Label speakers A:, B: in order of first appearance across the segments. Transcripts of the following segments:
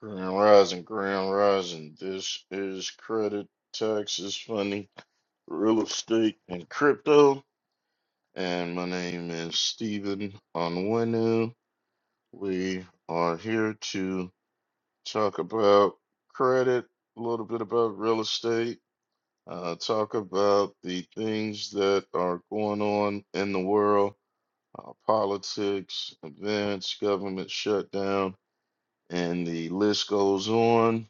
A: Grand Rising, Grand Rising. This is credit, taxes, money, real estate, and crypto. And my name is Stephen Onwenu. We are here to talk about credit, a little bit about real estate, uh, talk about the things that are going on in the world, uh, politics, events, government shutdown, and the list goes on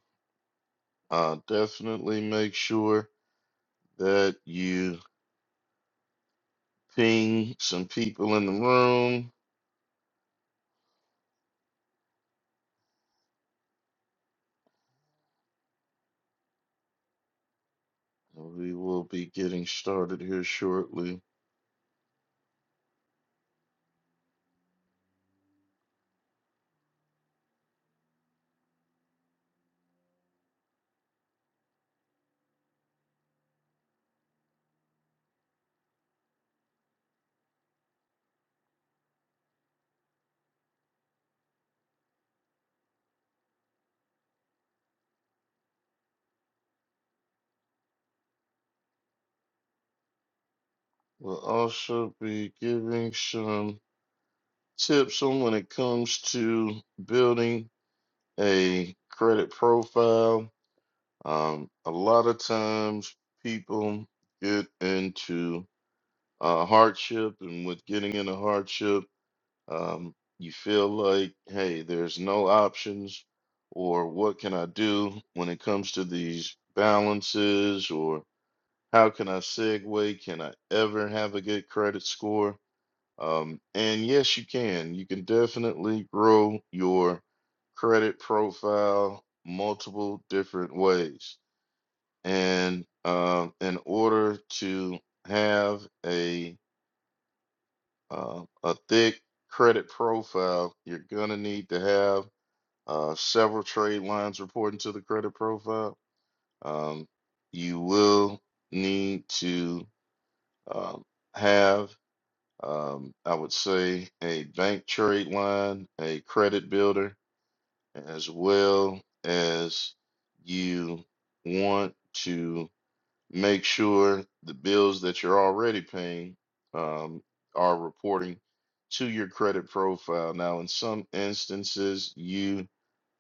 A: Uh, definitely make sure that you ping some people in the room. We will be getting started here shortly. We'll also be giving some tips on when it comes to building a credit profile. Um, a lot of times people get into uh, hardship, and with getting into hardship, Um, you feel like, hey, there's no options, or what can I do when it comes to these balances, or how can I segue? Can I ever have a good credit score? Um, and yes, you can. You can definitely grow your credit profile multiple different ways. And um, in order to have a uh, a thick credit profile, you're going to need to have uh, several trade lines reporting to the credit profile. Um, you will need to um, have, um, I would say, a bank trade line, a credit builder, as well as you want to. Make sure the bills that you're already paying um, are reporting to your credit profile. Now, in some instances, you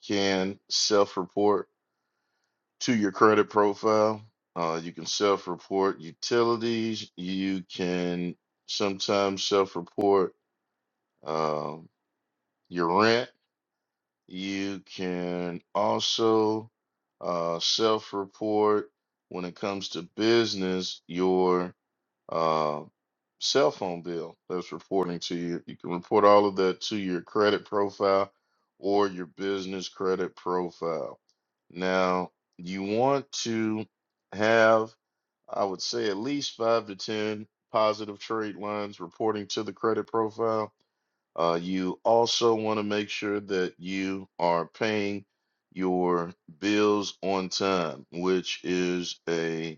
A: can self-report to your credit profile. Uh, you can self-report utilities. You can sometimes self-report um, your rent. You can also uh, self-report when it comes to business your uh, cell phone bill that's reporting to you. You can report all of that to your credit profile or your business credit profile. Now, you want to have, I would say, at least five to 10 positive trade lines reporting to the credit profile. Uh, you also want to make sure that you are paying your bills on time, which is a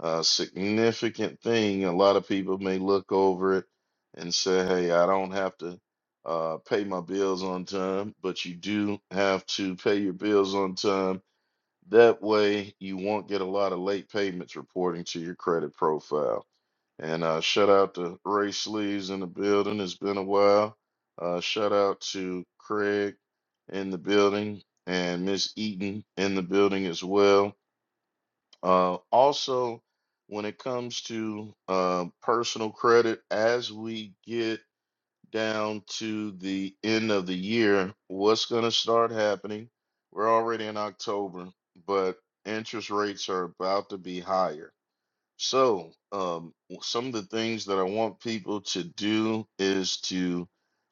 A: a significant thing. A lot of people may look over it and say, hey, I don't have to uh, pay my bills on time, but you do have to pay your bills on time. That way, you won't get a lot of late payments reporting to your credit profile. And uh, shout out to Ray Sleeves in the building. It's been a while. Uh, shout out to Craig in the building and Miss Eaton in the building as well. Uh, also, when it comes to um, personal credit, as we get down to the end of the year, what's going to start happening? We're already in October, but interest rates are about to be higher. So, um, w- some of the things that I want people to do is to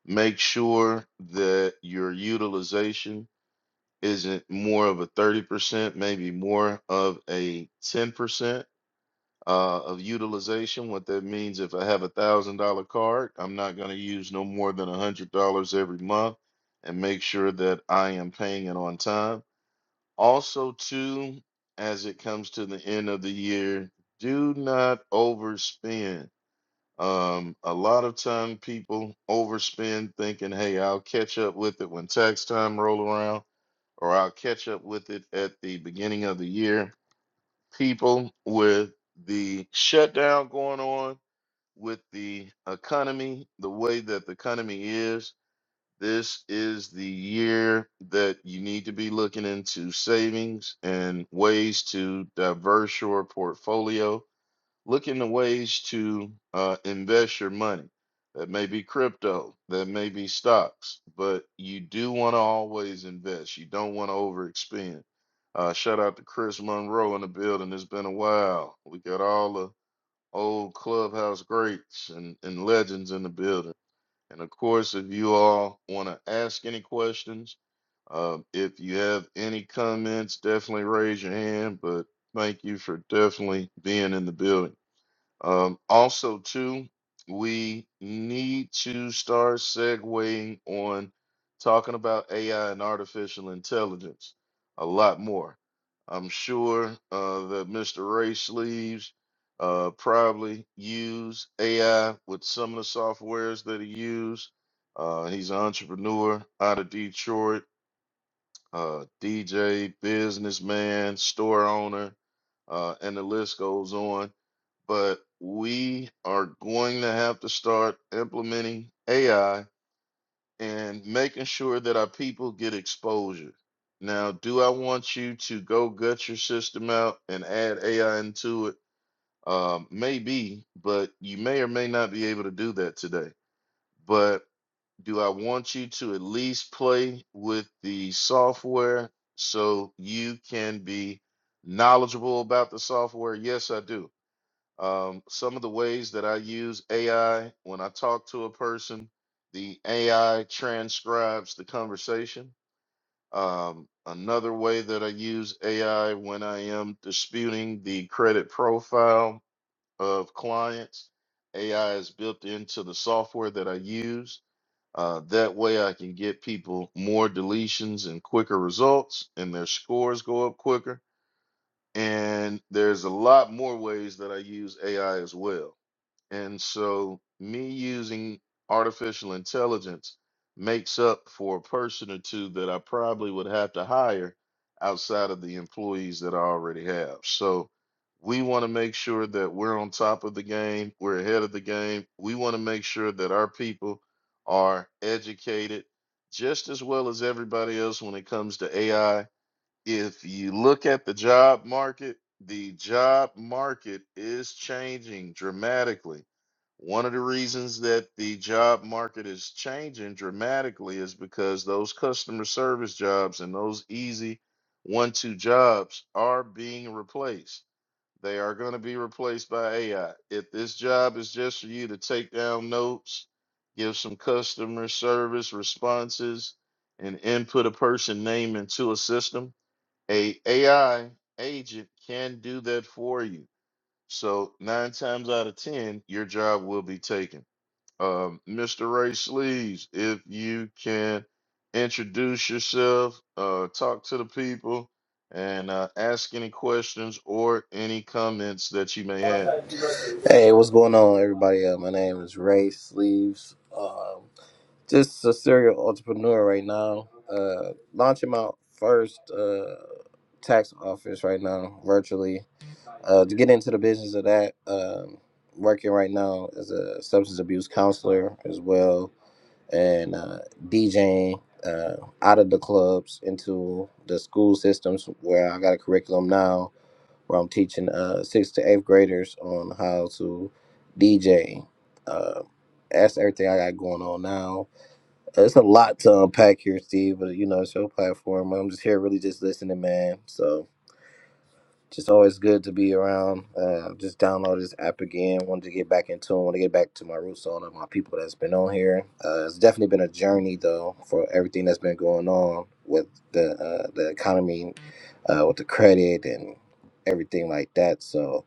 A: make sure that your utilization isn't more of a 30%, maybe more of a 10% uh, of utilization. What that means, if I have a thousand dollar card, I'm not going to use no more than a hundred dollars every month, and make sure that I am paying it on time. Also, too, as it comes to the end of the year, do not overspend. Um, a lot of time people overspend thinking, hey, I'll catch up with it when tax time roll around, or I'll catch up with it at the beginning of the year people with the shutdown going on, with the economy, the way that the economy is, this is the year that you need to be looking into savings and ways to diverse your portfolio Look into ways to uh, invest your money. That may be crypto, that may be stocks, but you do want to always invest. You don't want to overexpend. Uh, shout out to Chris Monroe in the building. It's been a while. We got all the old clubhouse greats and, and legends in the building. And of course, if you all want to ask any questions, uh, if you have any comments, definitely raise your hand. But thank you for definitely being in the building. Um, also, too, we need to start segueing on talking about AI and artificial intelligence a lot more. I'm sure uh, that Mr. Ray Sleeves uh, probably use AI with some of the softwares that he used. Uh, he's an entrepreneur out of Detroit, uh, DJ, businessman, store owner, uh, and the list goes on but we are going to have to start implementing AI and making sure that our people get exposure. Now, do I want you to go gut your system out and add AI into it? Um, maybe, but you may or may not be able to do that today. But do I want you to at least play with the software so you can be knowledgeable about the software? Yes, I do. Um, some of the ways that I use AI when I talk to a person, the AI transcribes the conversation. Um, another way that I use AI when I am disputing the credit profile of clients, AI is built into the software that I use. Uh, that way, I can get people more deletions and quicker results, and their scores go up quicker. And there's a lot more ways that I use AI as well. And so, me using artificial intelligence makes up for a person or two that I probably would have to hire outside of the employees that I already have. So, we want to make sure that we're on top of the game, we're ahead of the game. We want to make sure that our people are educated just as well as everybody else when it comes to AI if you look at the job market, the job market is changing dramatically. One of the reasons that the job market is changing dramatically is because those customer service jobs and those easy one two jobs are being replaced. They are going to be replaced by AI. If this job is just for you to take down notes, give some customer service responses, and input a person name into a system, a AI agent can do that for you. So nine times out of ten, your job will be taken. Um, Mr. Ray Sleeves, if you can introduce yourself, uh, talk to the people, and uh, ask any questions or any comments that you may have.
B: Hey, what's going on, everybody? Uh, my name is Ray Sleeves. Um, just a serial entrepreneur right now. Uh, launching my first uh, tax office right now, virtually. Uh, to get into the business of that, um, working right now as a substance abuse counselor as well, and uh, DJing uh, out of the clubs into the school systems where I got a curriculum now where I'm teaching uh, sixth to eighth graders on how to DJ. Uh, that's everything I got going on now. It's a lot to unpack here, Steve, but you know, it's your platform. I'm just here really just listening, man. So just always good to be around. Uh, just download this app again. Wanted to get back into it. Want to get back to my roots on it, my people that's been on here. Uh, it's definitely been a journey though for everything that's been going on with the uh, the economy, uh, with the credit and everything like that. So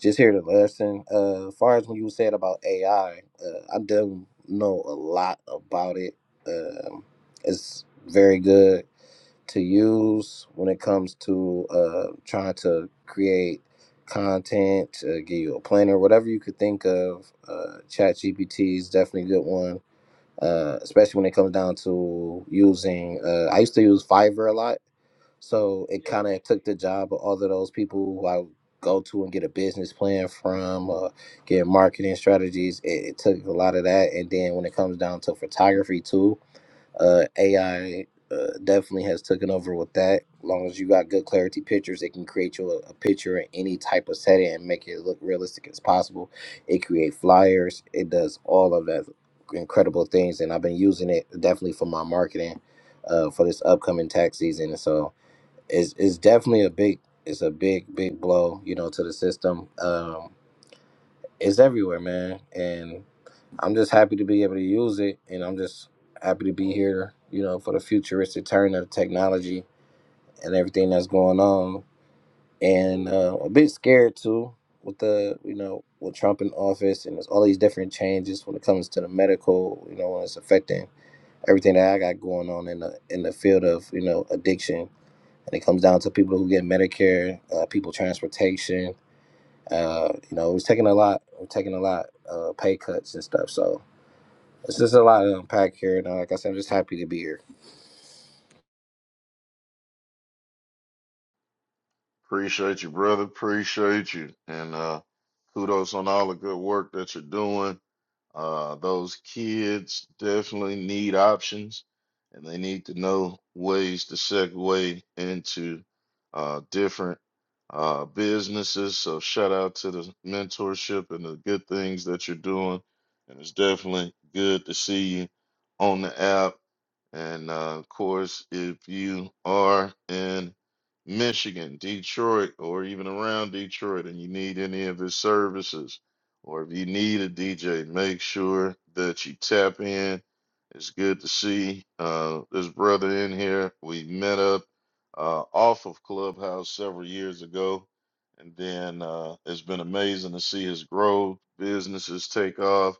B: just hear the lesson. Uh, as far as when you said about AI, uh, I don't know a lot about it. Um, it's very good to use when it comes to uh, trying to create content, to give you a planner, whatever you could think of. Uh, ChatGPT is definitely a good one, uh, especially when it comes down to using. Uh, I used to use Fiverr a lot so it kind of took the job of all of those people who I go to and get a business plan from, or get marketing strategies. It, it took a lot of that. And then when it comes down to photography too, uh, AI uh, definitely has taken over with that. As long as you got good clarity pictures, it can create you a, a picture in any type of setting and make it look realistic as possible. It create flyers. It does all of that incredible things, and I've been using it definitely for my marketing uh, for this upcoming tax season. So it's it's definitely a big it's a big big blow, you know, to the system. Um, it's everywhere, man, and I'm just happy to be able to use it, and I'm just happy to be here, you know, for the futuristic turn of technology and everything that's going on, and uh, a bit scared too with the you know with Trump in office and there's all these different changes when it comes to the medical, you know, when it's affecting everything that I got going on in the in the field of you know addiction and it comes down to people who get Medicare, uh, people transportation. Uh, you know, it was taking a lot. We're taking a lot uh, pay cuts and stuff. So it's just a lot to unpack here. And uh, like I said, I'm just happy to be here.
A: Appreciate you, brother. Appreciate you, and uh, kudos on all the good work that you're doing Uh, those kids definitely need options, and they need to know ways to segue into uh, different uh, businesses. So shout out to the mentorship and the good things that you're doing. And it's definitely good to see you on the app. And uh, of course, if you are in Michigan, Detroit, or even around Detroit, and you need any of his services or if you need a DJ, make sure that you tap in. It's good to see uh, this brother in here. We met up uh, off of Clubhouse several years ago, and then uh, it's been amazing to see his growth, businesses take off,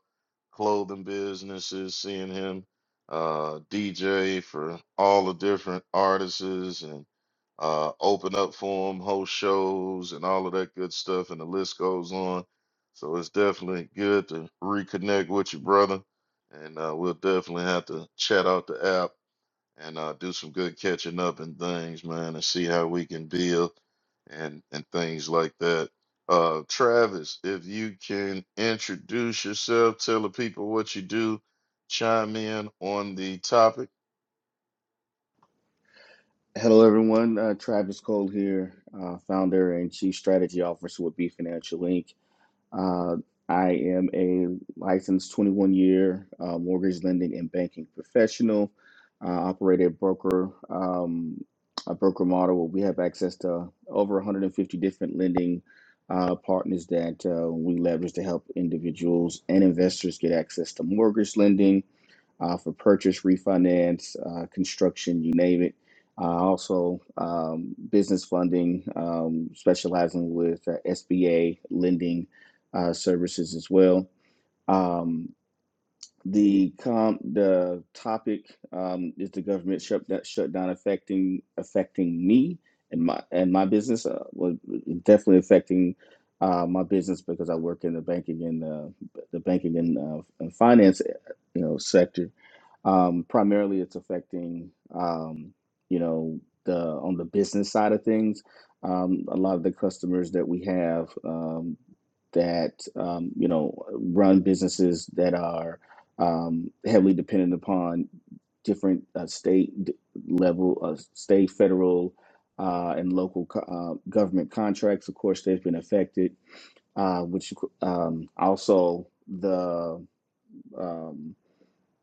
A: clothing businesses, seeing him uh, DJ for all the different artists and uh, open up for them, host shows, and all of that good stuff, and the list goes on so it's definitely good to reconnect with you, brother. And uh, we'll definitely have to chat out the app and uh, do some good catching up and things, man, and see how we can build and and things like that. Uh, Travis, if you can introduce yourself, tell the people what you do, chime in on the topic.
C: Hello, everyone. Uh, Travis Cole here, uh, founder and chief strategy officer with B Financial Inc. Uh, I am a licensed 21 year uh, mortgage lending and banking professional. Uh, operate a broker, um, a broker model where we have access to over 150 different lending uh, partners that uh, we leverage to help individuals and investors get access to mortgage lending uh, for purchase, refinance, uh, construction, you name it. Uh, also, um, business funding, um, specializing with uh, SBA lending uh, services as well. Um, the com- the topic um, is the government shutdown, shutdown affecting affecting me and my and my business. Uh, well, definitely affecting uh, my business because I work in the banking and uh, the banking and, uh, and finance, uh, you know, sector um, primarily, it's affecting um, you know the on the business side of things. Um, a lot of the customers that we have um, that um, you know run businesses that are um, heavily dependent upon different uh, state d- level, uh, state, federal, uh, and local co- uh, government contracts. Of course, they've been affected, uh, which um, also the um,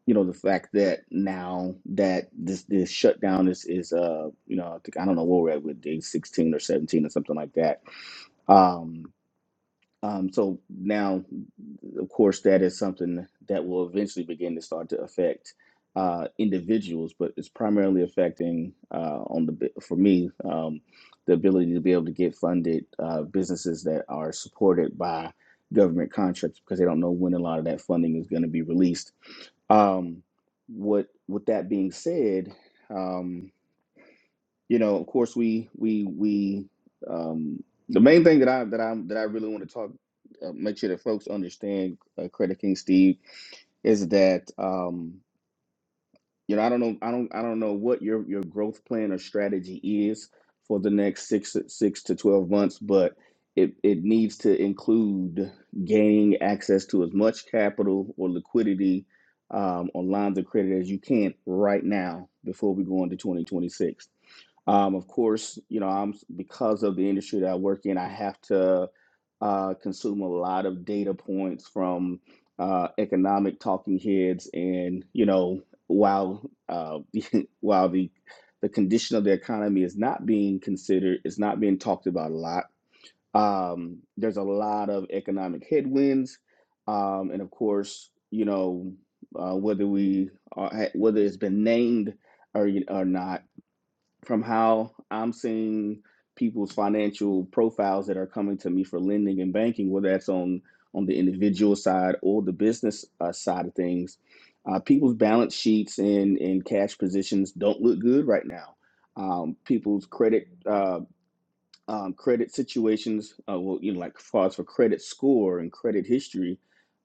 C: you know the fact that now that this this shutdown is is uh you know I think I don't know where we're at with day sixteen or seventeen or something like that. Um, um, so now, of course, that is something that will eventually begin to start to affect uh, individuals, but it's primarily affecting uh, on the bi- for me um, the ability to be able to get funded uh, businesses that are supported by government contracts because they don't know when a lot of that funding is going to be released um, what with that being said, um, you know, of course, we we we um, the main thing that I that I that I really want to talk, uh, make sure that folks understand, uh, Credit King Steve, is that. Um, you know, I don't know, I don't, I don't know what your your growth plan or strategy is for the next six six to twelve months, but it it needs to include gaining access to as much capital or liquidity um, on lines of credit as you can right now before we go into 2026. Um, of course, you know, I'm because of the industry that I work in, I have to uh, consume a lot of data points from uh, economic talking heads and you know while uh, while the the condition of the economy is not being considered, it's not being talked about a lot. Um, there's a lot of economic headwinds, um, and of course, you know uh, whether we are, whether it's been named or or not from how I'm seeing people's financial profiles that are coming to me for lending and banking, whether that's on on the individual side or the business uh, side of things, uh, people's balance sheets and and cash positions don't look good right now. Um, people's credit uh, um, credit situations, uh, well, you know, like far as for credit score and credit history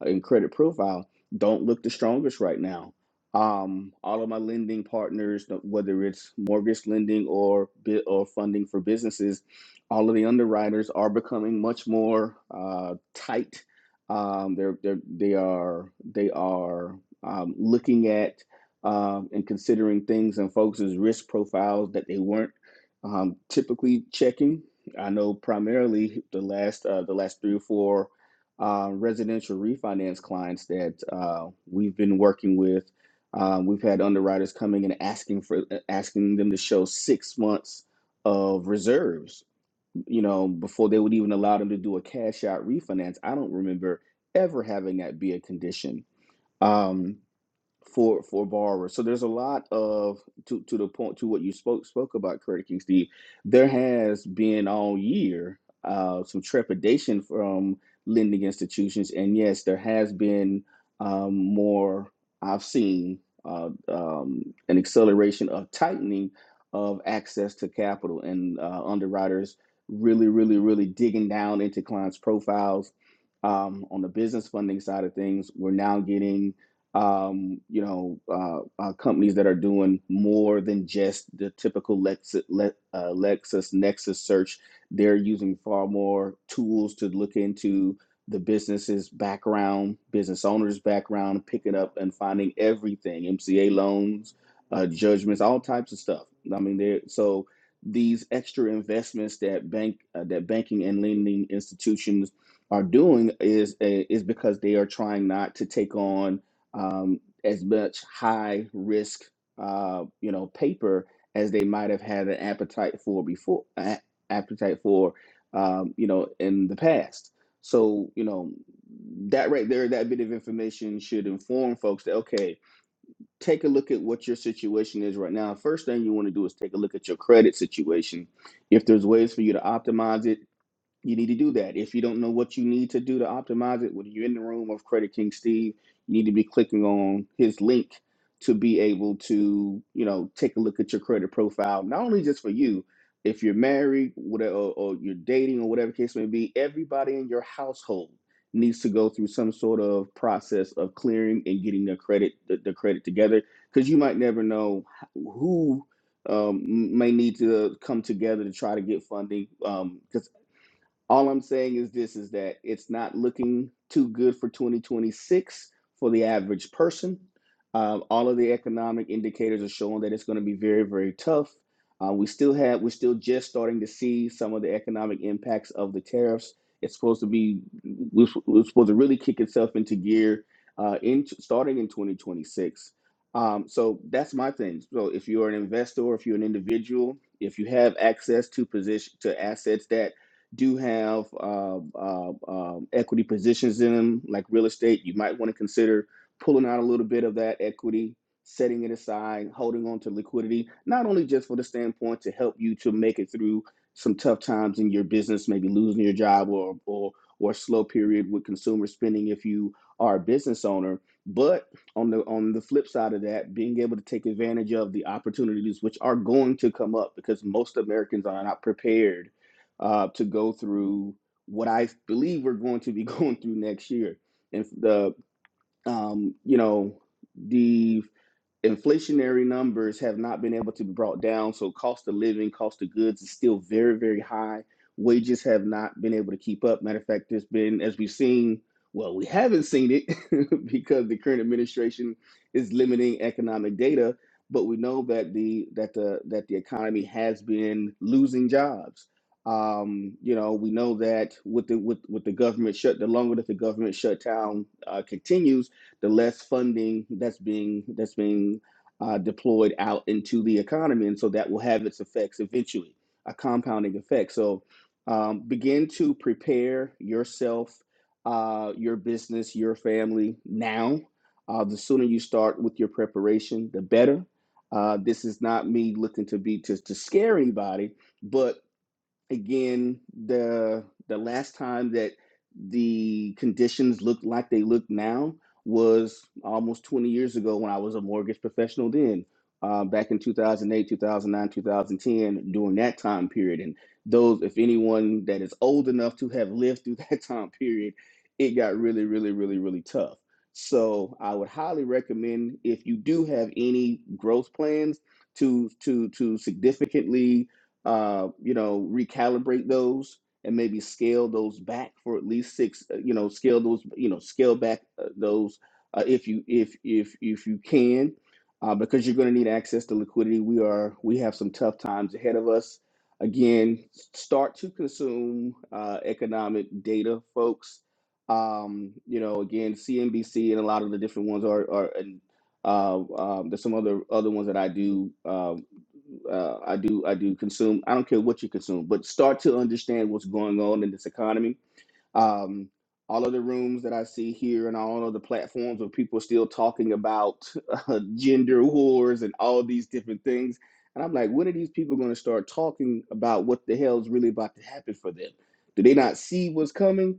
C: uh, and credit profile, don't look the strongest right now. Um, all of my lending partners, th- whether it's mortgage lending or bit or funding for businesses, all of the underwriters are becoming much more uh, tight. Um, they're, they're they are they are um, looking at um, and considering things and folks' risk profiles that they weren't um, typically checking I know primarily the last uh, the last three or four uh, residential refinance clients that uh, we've been working with. Um, we've had underwriters coming and asking for uh, asking them to show six months of reserves, you know, before they would even allow them to do a cash out refinance. I don't remember ever having that be a condition. Um, for for borrowers. So there's a lot of to to the point to what you spoke spoke about Credit King Steve. There has been all year uh, some trepidation from lending institutions, and yes, there has been um, more. I've seen uh, um, an acceleration of tightening of access to capital and uh, underwriters really, really, really digging down into clients' profiles. Um, on the business funding side of things, we're now getting um, you know, uh, uh, companies that are doing more than just the typical Lexus, Le- uh, Lexus Nexus search. They're using far more tools to look into the business's background, business owner's background, picking up and finding everything, MCA loans, uh, judgments, all types of stuff. I mean, they're so these extra investments that bank uh, that banking and lending institutions are doing is uh, is because they are trying not to take on um, as much high risk, uh, you know, paper as they might have had an appetite for before, a- appetite for, um, you know, in the past. So, you know, that right there, that bit of information should inform folks that okay, take a look at what your situation is right now. First thing you want to do is take a look at your credit situation. If there's ways for you to optimize it, you need to do that. If you don't know what you need to do to optimize it, when you're in the room of Credit King Steve, you need to be clicking on his link to be able to, you know, take a look at your credit profile, not only just for you, if you're married, whatever, or, or you're dating, or whatever case may be, everybody in your household needs to go through some sort of process of clearing and getting their credit, the, the credit together, because you might never know h- who um, may need to come together to try to get funding. Because all I'm saying is this is that it's not looking too good for 2026 for the average person. Um, all of the economic indicators are showing that it's going to be very, very tough. Uh, we still have, we're still just starting to see some of the economic impacts of the tariffs. It's supposed to be, we're we're supposed to really kick itself into gear uh, in starting in 2026. Um, so that's my thing. So if you're an investor, if you're an individual, if you have access to position to assets that do have uh, uh, um, equity positions in them, like real estate, you might want to consider pulling out a little bit of that equity, setting it aside, holding on to liquidity, not only just for the standpoint to help you to make it through some tough times in your business, maybe losing your job or or or a slow period with consumer spending if you are a business owner, but on the on the flip side of that, being able to take advantage of the opportunities which are going to come up because most Americans are not prepared uh, to go through what I believe we're going to be going through next year. And the um, you know the inflationary numbers have not been able to be brought down. So cost of living, cost of goods is still very, very high. Wages have not been able to keep up. Matter of fact, there's been, as we've seen, well, we haven't seen it because the current administration is limiting economic data. But we know that the that the that the economy has been losing jobs. Um, you know, we know that with the with with the government shut, the longer that the government shutdown uh, continues the less funding that's being that's being uh, deployed out into the economy, and so that will have its effects eventually, a compounding effect. So um, begin to prepare yourself, uh, your business, your family now. Uh, the sooner you start with your preparation, the better. Uh, this is not me looking to be to, to scare anybody, but again the the last time that the conditions looked like they look now was almost 20 years ago when I was a mortgage professional then uh, back in 2008 2009 2010 during that time period and those if anyone that is old enough to have lived through that time period it got really really really really tough so I would highly recommend if you do have any growth plans to to to significantly uh, you know, recalibrate those and maybe scale those back for at least six, uh, you know, scale those, you know, scale back uh, those uh, if you if if if you can, uh, because you're going to need access to liquidity. We are we have some tough times ahead of us. Again, start to consume uh, economic data, folks. Um, you know, again, CNBC and a lot of the different ones are are and uh, um, there's some other other ones that I do. Um, uh, I do I do consume. I don't care what you consume, but start to understand what's going on in this economy um, all of the rooms that I see here and all of the platforms where people are still talking about uh, gender wars and all these different things. And I'm like, when are these people going to start talking about what the hell's really about to happen for them? Do they not see what's coming?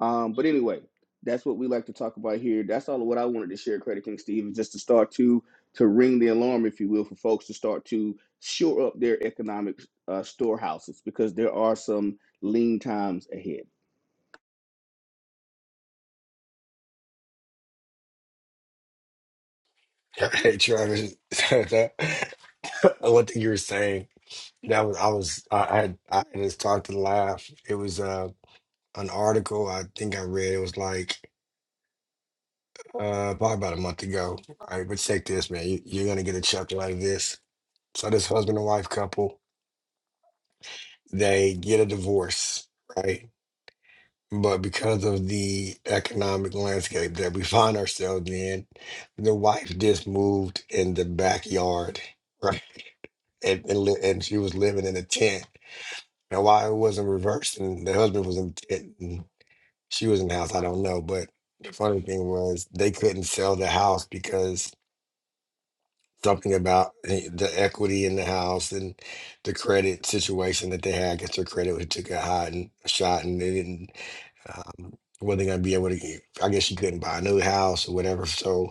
C: Um, but anyway, that's what we like to talk about here. That's all of what I wanted to share, Credit King Steve, is just to start to to ring the alarm, if you will, for folks to start to shore up their economic uh, storehouses because there are some lean times ahead.
D: Hey Travis, one thing you were saying that was I was I I had I had just talked to laugh. It was uh an article I think I read. It was like uh probably about a month ago. All right, but check this, man. You, you're gonna get a chuckle like this. So this husband and wife couple, they get a divorce, right? But because of the economic landscape that we find ourselves in, the wife just moved in the backyard. right? and and, li- and she was living in a tent. Now, why it wasn't reversed and the husband was in the tent and she was in the house, I don't know. But the funny thing was they couldn't sell the house because something about the the equity in the house and the credit situation that they had. I guess their credit was took a hot and shot, and they didn't um, wasn't gonna be able to. get- I guess she couldn't buy a new house or whatever. So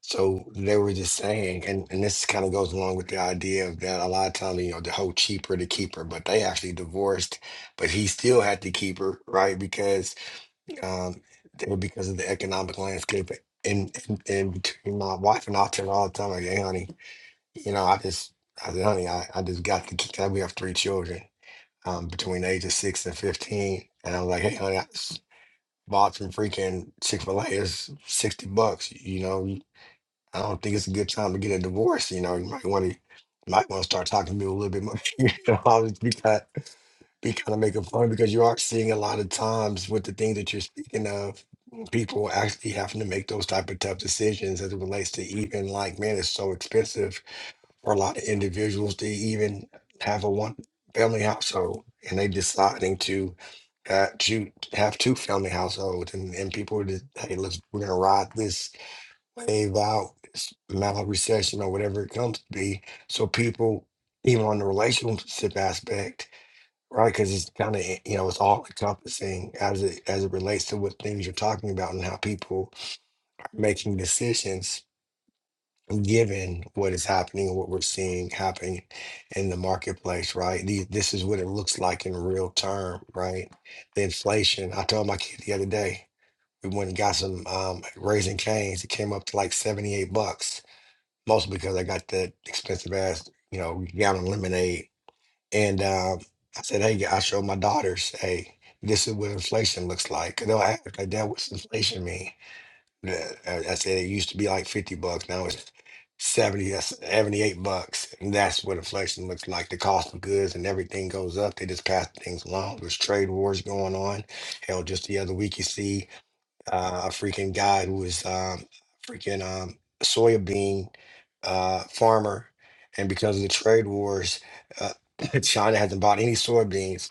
D: so they were just saying, and, and this kind of goes along with the idea of that a lot of times, you know, the whole cheaper to keep her, but they actually divorced, but he still had to keep her, right? Because um they- because of the economic landscape. And, and and between my wife and I tell her all the time, like, hey honey, you know, I just I said, honey, I, I just got to keep we have three children um between the age of six and fifteen. And I was like, hey honey, I just bought some freaking Chick-fil-A, it's sixty bucks, you know. I don't think it's a good time to get a divorce. You know, you might want to might want to start talking to me a little bit more. You know, I'll be kind be kind of making fun because you are seeing a lot of times with the things that you're speaking of, people actually having to make those type of tough decisions as it relates to even like man, it's so expensive for a lot of individuals to even have a one family household, and they deciding to. Uh, to have two family households and, and people are just hey let's we're gonna ride this wave out this mild recession or whatever it comes to be. So people, even on the relationship aspect, right? Because it's kind of you know it's all encompassing as it as it relates to what things you're talking about and how people are making decisions given what is happening and what we're seeing happen in the marketplace right These, this is what it looks like in real term right the inflation i told my kid the other day we went and got some um, raisin canes it came up to like 78 bucks mostly because I got that expensive ass, you know, gallon lemonade. And um, I said, hey, I showed my daughters, hey, this is what inflation looks like. 'Cause They'll ask like that. What's inflation mean? The- I I said it used to be like fifty bucks. Now it's 70, that's 78 bucks. And that's what inflation looks like. The cost of goods and everything goes up. They just pass things along. There's trade wars going on. Hell, just the other week you see uh, a freaking guy who was um, freaking um, a soybean uh, farmer, and because of the trade wars, uh, China hasn't bought any soybeans,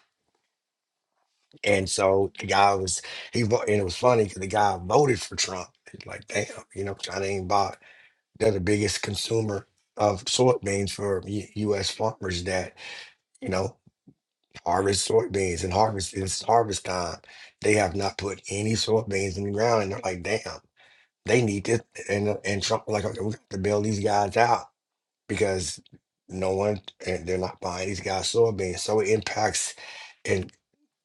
D: and so the guy was he vo- and it was funny because the guy voted for Trump. It's like, damn, you know, China ain't bought. They're the biggest consumer of soybeans for U- U.S. farmers that you know harvest soybeans and harvest it's harvest time. They have not put any soybeans in the ground, and they're like, damn. they need this and and some like okay, we have to bail these guys out because no one and they're not buying these guys soybeans. So it impacts and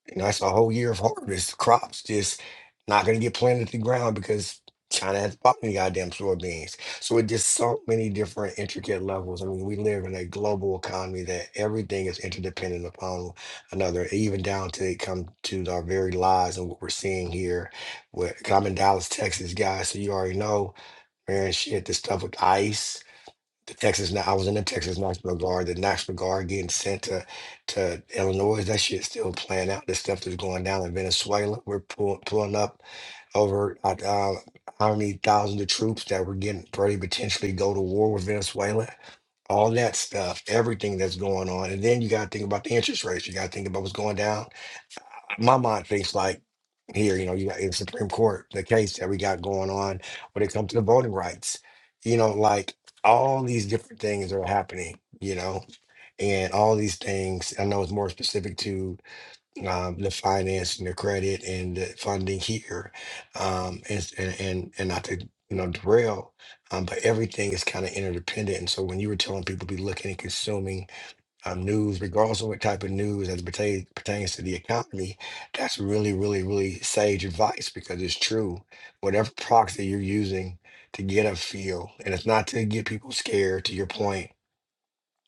D: you know that's a whole year of harvest. Crops just not gonna get planted to the ground because China has bought any goddamn soybeans. So it just so many different intricate levels. I mean, we live in a global economy that everything is interdependent upon another, even down to it come to our very lives and what we're seeing here. What, 'cause I'm in Dallas, Texas, guys, so you already know Man, shit, the stuff with ICE, the Texas. Now I was in the Texas National Guard. The National Guard getting sent to to Illinois. That shit's still playing out. The stuff that's going down in Venezuela. We're pull, pulling up over uh, uh, how many thousands of troops that were getting ready to potentially go to war with Venezuela. All that stuff, everything that's going on, and then you got to think about the interest rates. You got to think about what's going down my mind thinks like here, you know, you got in Supreme Court, the case that we got going on when it comes to the voting rights, you know, like all these different things are happening, you know, and all these things, I know it's more specific to um, the finance and the credit and the funding here. Um, and, and, and, and not to, you know, derail, um, but everything is kind of interdependent. And so when you were telling people to be looking and consuming um, news, regardless of what type of news as pertains pertains to the economy, that's really, really, really sage advice because it's true. Whatever proxy you're using to get a feel, and it's not to get people scared. To your point,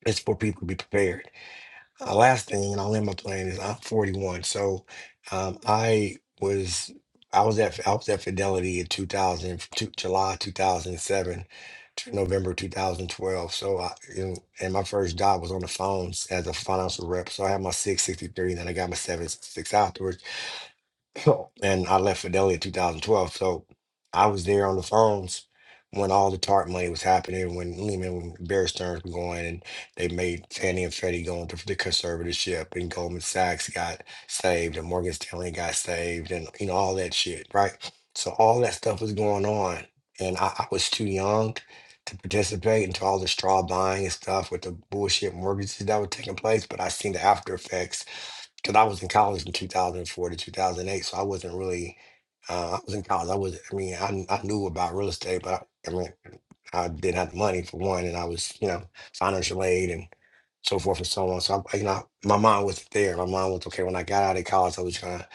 D: it's for people to be prepared. Uh, last thing, and I'll end my plan is I'm 41. So um, I was I was at I was at Fidelity in 2000, July 2007 to November 2012. So I you know, and my first job was on the phones as a financial rep. So I had my 663, and then I got my 766 afterwards. So, and I left Fidelity in 2012. So I was there on the phones when all the TARP money was happening, when Lehman and Bear Stearns were going, and they made Fannie and Freddie go into the conservatorship, and Goldman Sachs got saved, and Morgan Stanley got saved, and you know all that shit, right? So all that stuff was going on, and I, I was too young to participate into all the straw buying and stuff with the bullshit mortgages that were taking place, but I seen the after effects because I was in college from 2004 to 2008, so I wasn't really. Uh, I was in college. I was. I mean, I, I knew about real estate, but I, I mean, I didn't have the money for one, and I was, you know, financial aid and so forth and so on. So, I, you know, my mind wasn't there. My mind was okay. When I got out of college, I was trying to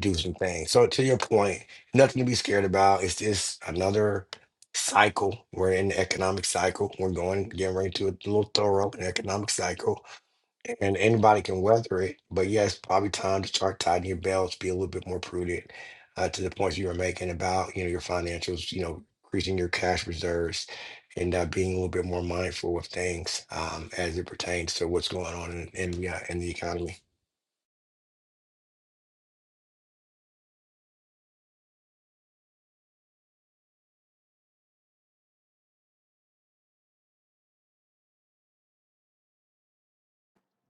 D: do some things. So, to your point, nothing to be scared about. It's just another cycle. We're in the economic cycle. We're going getting ready to a little thorough an economic cycle and anybody can weather it. But yes, probably time to start tightening your belts, be a little bit more prudent uh, to the points you were making about you know your financials, you know, increasing your cash reserves, and uh, being a little bit more mindful of things um, as it pertains to what's going on in in, the, uh, in the economy.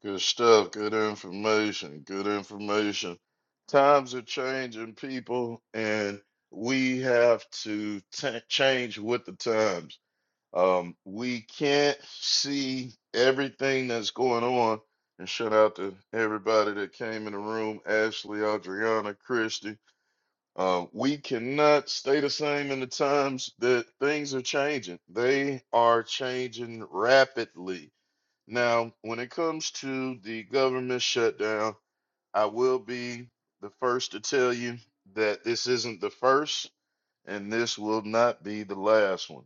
A: Good stuff. Good information. Good information. Times are changing, people, and we have to ta- change with the times. Um, we can't see everything that's going on. And shout out to everybody that came in the room Ashley, Adriana, Christy. Um, we cannot stay the same in the times that things are changing. They are changing rapidly now, when it comes to the government shutdown, I will be the first to tell you that this isn't the first and this will not be the last one.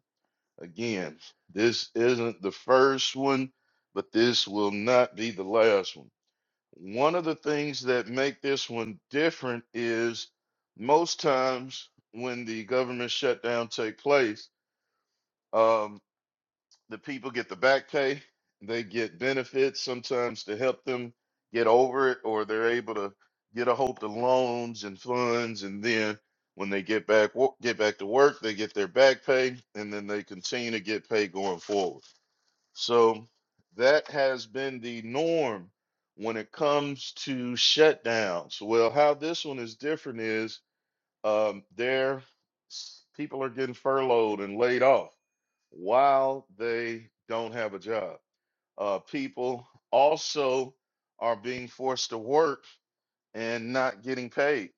A: Again, this isn't the first one, but this will not be the last one. One of the things that make this one different is most times when the government shutdown take place, um, the people get the back pay, they get benefits sometimes to help them get over it, or they're able to get a hold of loans and funds, and then when they get back wo- get back to work, they get their back pay, and then they continue to get paid going forward. So that has been the norm when it comes to shutdowns. Well, how this one is different is um, there s- people are getting furloughed and laid off while they don't have a job. Uh, people also are being forced to work and not getting paid.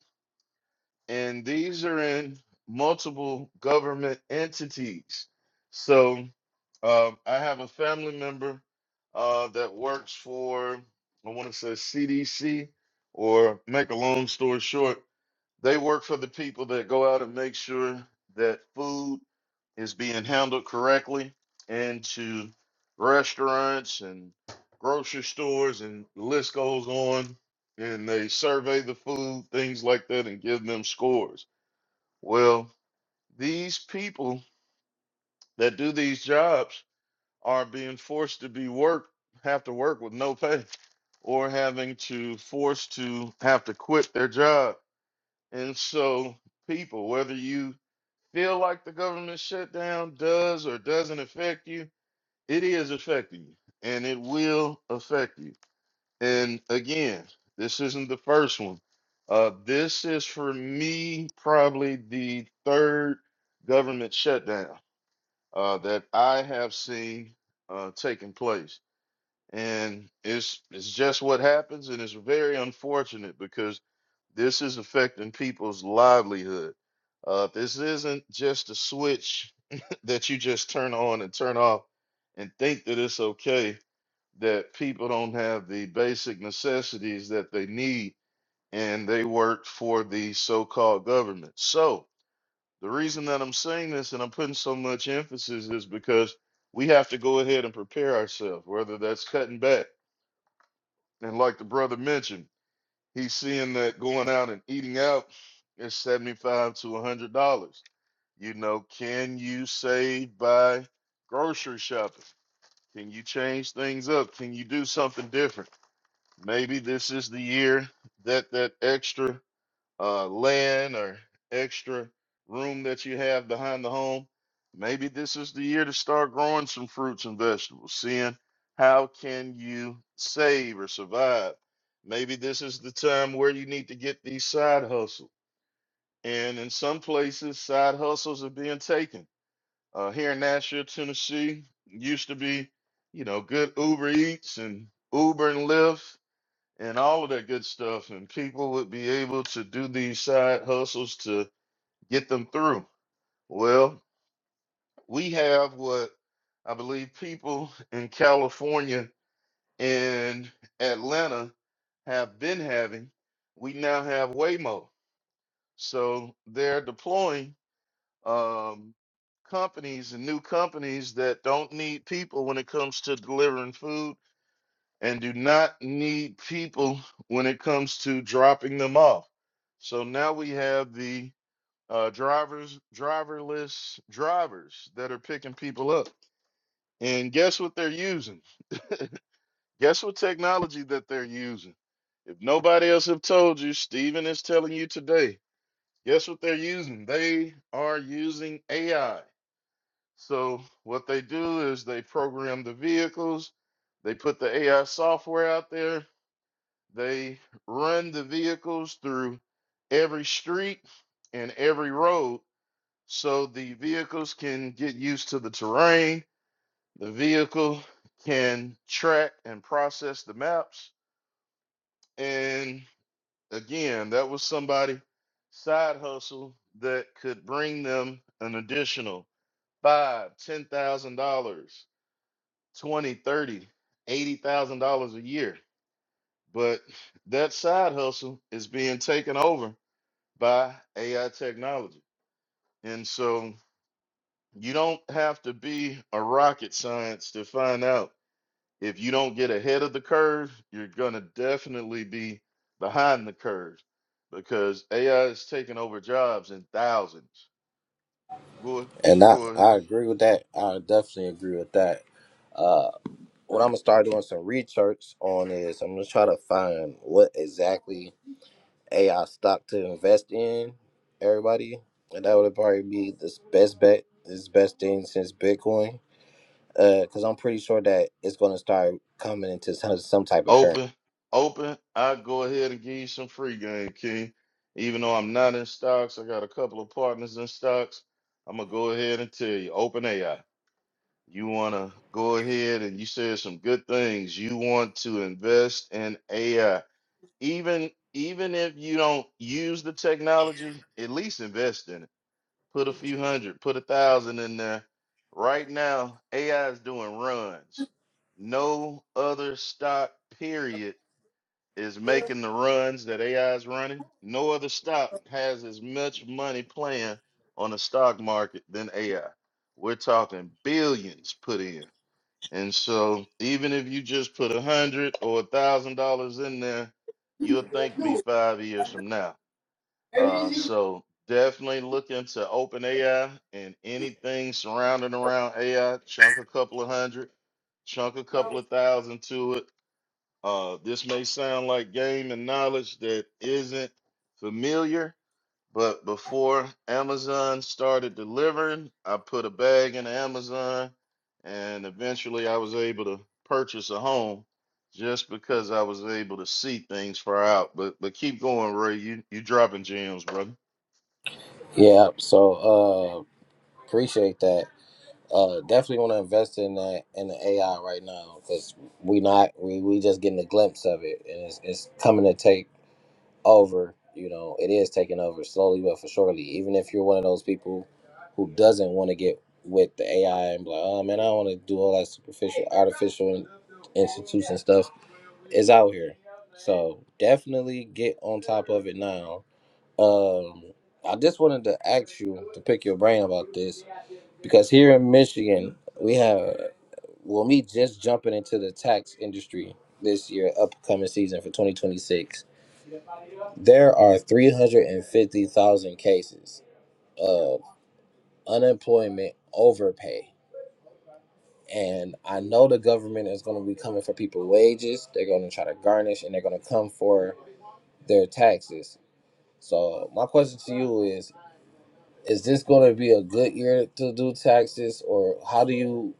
A: And these are in multiple government entities. So um, I have a family member uh, that works for, I want to say CDC, or make a long story short, they work for the people that go out and make sure that food is being handled correctly into restaurants and grocery stores and the list goes on and they survey the food things like that and give them scores well these people that do these jobs are being forced to be work have to work with no pay or having to forced to have to quit their job and so people whether you feel like the government shutdown does or doesn't affect you It is affecting you, and it will affect you. And again, this isn't the first one. Uh, this is for me probably the third government shutdown uh, that I have seen uh, taking place, and it's it's just what happens, and it's very unfortunate because this is affecting people's livelihood. Uh, this isn't just a switch that you just turn on and turn off and think that it's okay that people don't have the basic necessities that they need and they work for the so-called government. So, the reason that I'm saying this and I'm putting so much emphasis is because we have to go ahead and prepare ourselves, whether that's cutting back. And like the brother mentioned, he's seeing that going out and eating out is 75 to $100. You know, can you save by grocery shopping? Can you change things up? Can you do something different? Maybe this is the year that that extra uh, land or extra room that you have behind the home, maybe this is the year to start growing some fruits and vegetables, seeing how can you save or survive. Maybe this is the time where you need to get these side hustles. And in some places, side hustles are being taken. Uh, here in Nashville, Tennessee, used to be, you know, good Uber Eats and Uber and Lyft and all of that good stuff, and people would be able to do these side hustles to get them through. Well, we have what I believe people in California and Atlanta have been having. We now have Waymo. So they're deploying um, companies and new companies that don't need people when it comes to delivering food and do not need people when it comes to dropping them off. So now we have the uh, drivers, driverless drivers that are picking people up. And guess what they're using? Guess what technology that they're using? If nobody else have told you, Steven is telling you today. Guess what they're using? They are using AI. So what they do is they program the vehicles, they put the AI software out there, They run the vehicles through every street and every road so the vehicles can get used to the terrain. The vehicle can track and process the maps. And again, that was somebody side hustle that could bring them an additional five, ten thousand dollars, twenty, thirty, eighty thousand dollars a year. But that side hustle is being taken over by AI technology. And so you don't have to be a rocket science to find out if you don't get ahead of the curve, you're going to definitely be behind the curve because AI is taking over jobs in thousands. Go
B: And I,
A: go ahead.
B: I agree with that. I definitely agree with that. Uh, what I'm gonna start doing some research on is I'm gonna try to find what exactly AI stock to invest in. Everybody, and that would probably be the best bet. This best thing since Bitcoin because I'm pretty sure that it's going to start coming into some, some type of current.
A: open open. I go ahead and give you some free game, King. Even though I'm not in stocks, I got a couple of partners in stocks. I'm gonna go ahead and tell you, open AI. You want to go ahead and you said some good things. You want to invest in AI, even even if you don't use the technology, at least invest in it. Put a few hundred, put a thousand in there. Right now, AI is doing runs. No other stock, period, is making the runs that AI is running. No other stock has as much money playing on the stock market than AI. We're talking billions put in. And so even if you just put a hundred or a thousand dollars in there, you'll thank me five years from now. Uh, so definitely look into open AI and anything surrounding around AI, chunk a couple of hundred, chunk a couple of thousand to it. Uh, this may sound like game and knowledge that isn't familiar, but before Amazon started delivering, I put a bag in Amazon and eventually I was able to purchase a home just because I was able to see things far out. But but keep going, Ray. You you dropping gems, brother.
B: Yeah, so uh, appreciate that. Uh, definitely want to invest in that in the AI right now because we not we, we just getting a glimpse of it and it's it's coming to take over. You know, it is taking over slowly but for surely. Even if you're one of those people who doesn't want to get with the AI and be like, oh man, I don't want to do all that superficial, artificial in- institution stuff is out here. So definitely get on top of it now. Um, I just wanted to ask you to pick your brain about this because here in Michigan, we have, well, me just jumping into the tax industry this year, upcoming season for 2026, there are 350,000 cases of unemployment overpay. And I know the government is going to be coming for people's wages. They're going to try to garnish and they're going to come for their taxes So my question to you is: Is this going to be a good year to do taxes, or how do you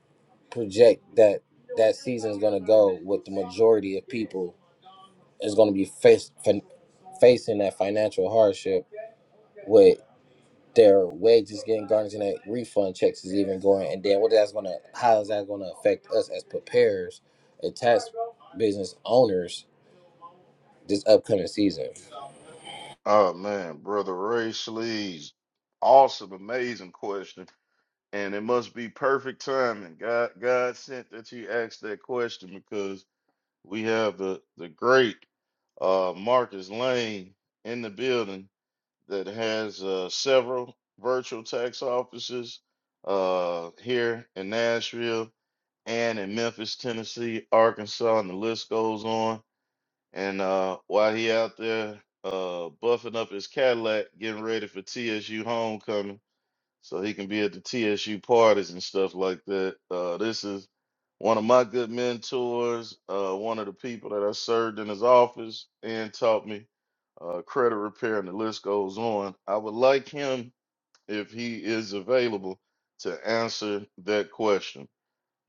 B: project that that season is going to go? With the majority of people is going to be face fin- facing that financial hardship with their wages getting garnished and that refund checks is even going, and then what that's going to how is that going to affect us as preparers and tax business owners this upcoming season?
A: Oh man, brother Ray Sleeze. Awesome, amazing question. And it must be perfect timing. God God sent that you asked that question because we have the the great uh Marcus Lane in the building that has uh, several virtual tax offices uh, here in Nashville and in Memphis, Tennessee, Arkansas, and the list goes on. And uh, while he out there uh, buffing up his Cadillac, getting ready for TSU homecoming so he can be at the TSU parties and stuff like that. Uh, this is one of my good mentors, uh, one of the people that I served in his office and taught me uh, credit repair, and the list goes on. I would like him, if he is available, to answer that question.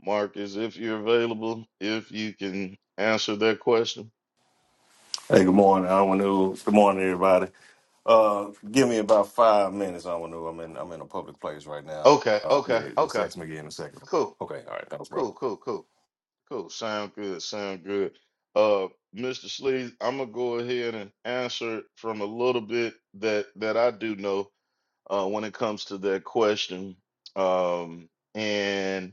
A: Marcus, if you're available, if you can answer that question.
E: Hey, good morning, Amanu. Good morning, everybody. Uh, give me about five minutes, Amanu. I'm in I'm in a public place right now.
A: Okay,
E: Uh,
A: okay,
E: yeah, just
A: okay.
E: text me again in a second.
A: Cool,
E: Okay, all right, thanks, brother.
A: cool, cool, cool. Cool. Sound good. Sound good. Uh, Mr. Sleeze, I'm gonna go ahead and answer from a little bit that that I do know uh, when it comes to that question, um, and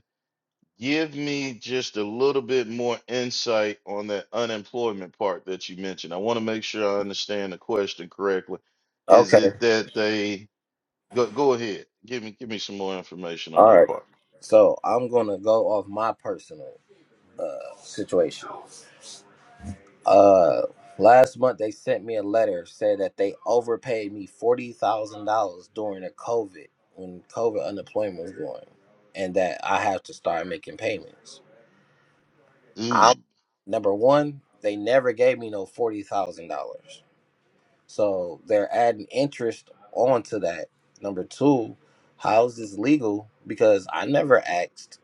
A: give me just a little bit more insight on that unemployment part that you mentioned. I want to make sure I understand the question correctly. Is
B: Okay,
A: it that they go go ahead? Give me give me some more information on
B: all
A: that
B: right.
A: part.
B: So I'm gonna go off my personal. uh, situation. Uh, last month they sent me a letter saying that they overpaid me forty thousand dollars during the COVID when COVID unemployment was going, and that I have to start making payments. I
A: Ooh.
B: number one, they never gave me no forty thousand dollars, so they're adding interest onto that. Number two, how's this legal? Because I never asked.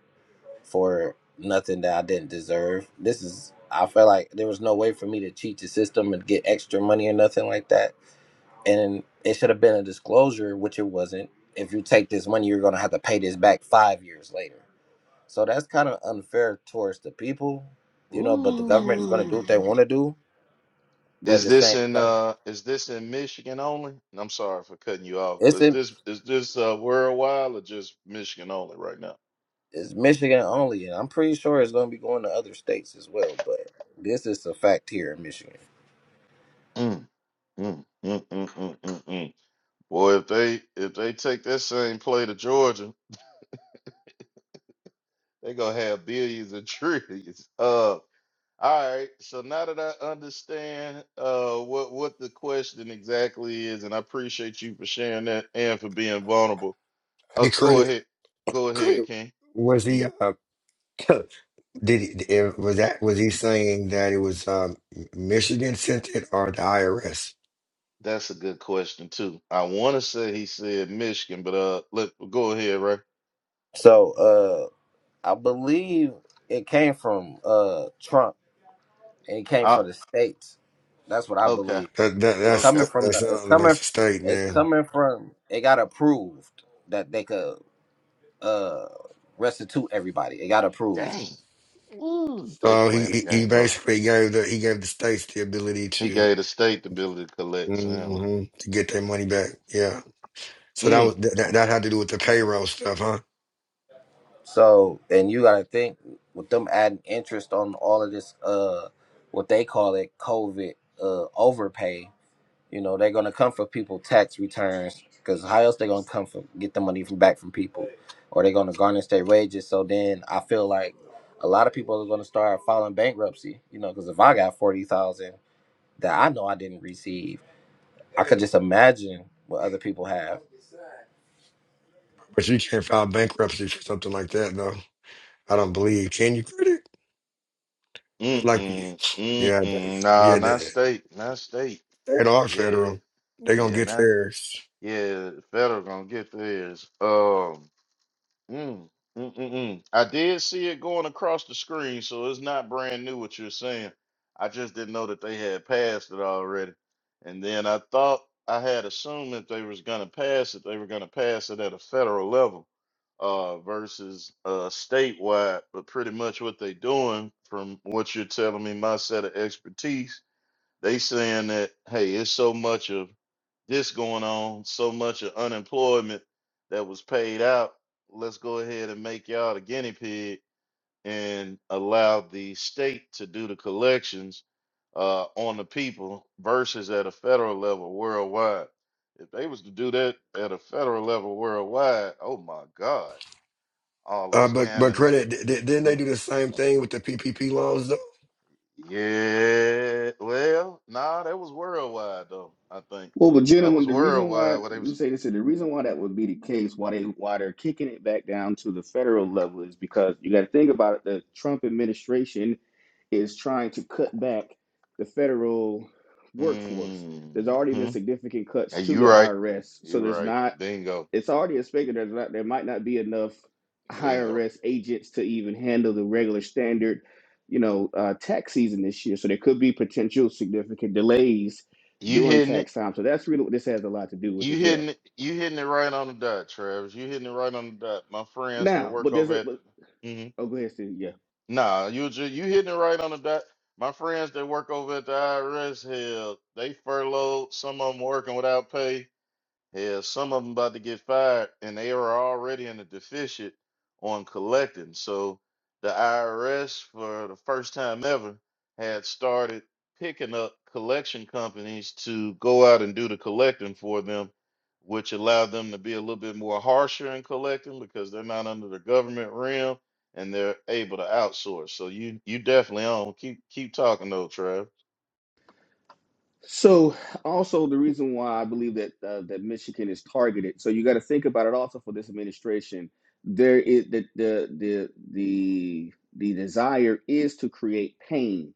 B: for nothing that I didn't deserve. This is I felt like there was no way for me to cheat the system and get extra money or nothing like that. And it should have been a disclosure, which it wasn't. If you take this money, you're gonna have to pay this back five years later. So that's kind of unfair towards the people, you know. But the government is gonna do
A: Ooh.
B: what they want to do. But at
A: Is
B: the
A: this
B: same
A: in
B: time,
A: uh is this in Michigan only? And I'm sorry for cutting you off. But
B: it's
A: Is
B: in
A: this is this uh worldwide or just Michigan only right now?
B: it's Michigan only, and I'm pretty sure it's gonna be going to other states as well. But this is a fact here in Michigan.
A: Mm, mm, mm, mm, mm, mm, mm. Boy, if they if they take that same play to Georgia, they gonna have billions and trillions. Uh all right, so now that I understand uh what what the question exactly is, and I appreciate you for sharing that and for being vulnerable. Uh
D: Hey,
A: go
D: credit,
A: ahead. Go ahead,
D: credit
A: King.
D: was
A: Mm-hmm.
D: he? Uh, did he, eh, was that was he saying that it was um, Michigan sent it or the IRS?
A: That's a good question too. I want to say he said Michigan, but uh, let go ahead, Ray.
B: So uh. I believe it came from uh Trump and it came
A: Uh,
B: from the states. That's what I
A: okay,
B: believe.
D: That, that
B: It's
D: that's
A: okay.
B: coming from
D: that
B: the it's
D: sounds like a
B: coming
D: state,
B: it's
D: man.
B: coming from it got approved that they could uh restitute everybody. It got approved.
A: Dang, ooh, they
D: So he,
A: playing the
D: he he
A: game rough.
D: basically gave the he gave the states the ability
A: He
D: to
A: gave the state the ability to collect sandwich.
D: hmm to get their money back. Yeah. So that
A: Mm,
D: was that, that that had to do with the payroll stuff, huh?
B: So and you gotta think with them adding interest on all of this uh what they call it COVID uh overpay You know, they're gonna come for people tax returns because how else they gonna come for get the money from back from people, or they're gonna garnish their wages. So then I feel like a lot of people are gonna start filing bankruptcy. You know, because if I got forty thousand that I know I didn't receive, I could just imagine what other people have.
D: But you can't file bankruptcy for something like that, though. I don't believe. Can you credit?
A: mm,
D: Like you,
A: mm, mm,
D: yeah, that,
A: mm. Nah,
D: yeah.
A: not
D: That,
A: state, not state.
D: that are
A: Yeah,
D: federal. They're gonna
A: yeah,
D: get
A: nah,
D: theirs.
A: yeah. Federal gonna get theirs. Um, Mm, mm, mm, mm. I did see it going across the screen, so it's not brand new what you're saying. I just didn't know that they had passed it already. And then I thought I had assumed that they was gonna pass it. They were gonna pass it at a federal level, uh, versus uh statewide. But pretty much what they doing, from what you're telling me, my set of expertise, they saying that hey, it's so much of this going on, so much of unemployment that was paid out. Let's go ahead and make y'all the guinea pig and allow the state to do the collections uh, on the people versus at a federal level worldwide. If they was to do that at a federal level worldwide, oh my God, all the
D: Uh, but but
A: scamming and stuff.
D: credit. Th- th- didn't they
A: Mm.
D: do the same thing with the PPP loans though?
A: Yeah, well, nah, that was worldwide though. I think
C: Well, but
A: that
C: gentlemen,
A: was
C: the reason why
A: worldwide where they
C: you
A: was.
C: say this, the reason why that would be the case, why they why they're kicking it back down to the federal level, is because you got to think about it. The Trump administration is trying to cut back the federal workforce. There's already
A: hmm
C: been significant cuts
A: Hey,
C: to
A: you
C: the
A: right.
C: IRS, so
A: You
C: there's
A: right.
C: not
A: Bingo.
C: it's already expected there's not, there might not be enough
A: Bingo.
C: IRS agents to even handle the regular standard, you know, uh, tax season this year. So there could be potential significant delays
A: You
C: during
A: hitting it.
C: tax time. So that's really what this has a lot to do with
A: You
C: as well.
A: hitting it. You hitting it right on the dot, Travis. You hitting it right on the dot. My friends that
C: Now,
A: work
C: but there's
A: over
C: a
A: at the
C: but,
A: hmm
C: oh, go ahead, Steve. Yeah.
A: Nah, you just you hitting it right on the dot. My friends that work over at the IRS hell, they furloughed. Some of them working without pay. Yeah, some of them about to get fired, and they are already in a deficit on collecting. So the IRS, for the first time ever, had started picking up collection companies to go out and do the collecting for them, which allowed them to be a little bit more harsher in collecting because they're not under the government realm and they're able to outsource. So you you definitely on. Keep keep talking though, Trav.
C: So also the reason why I believe that uh, that Michigan is targeted. So you got to think about it also for this administration. There is the the the the, the desire is to create pain,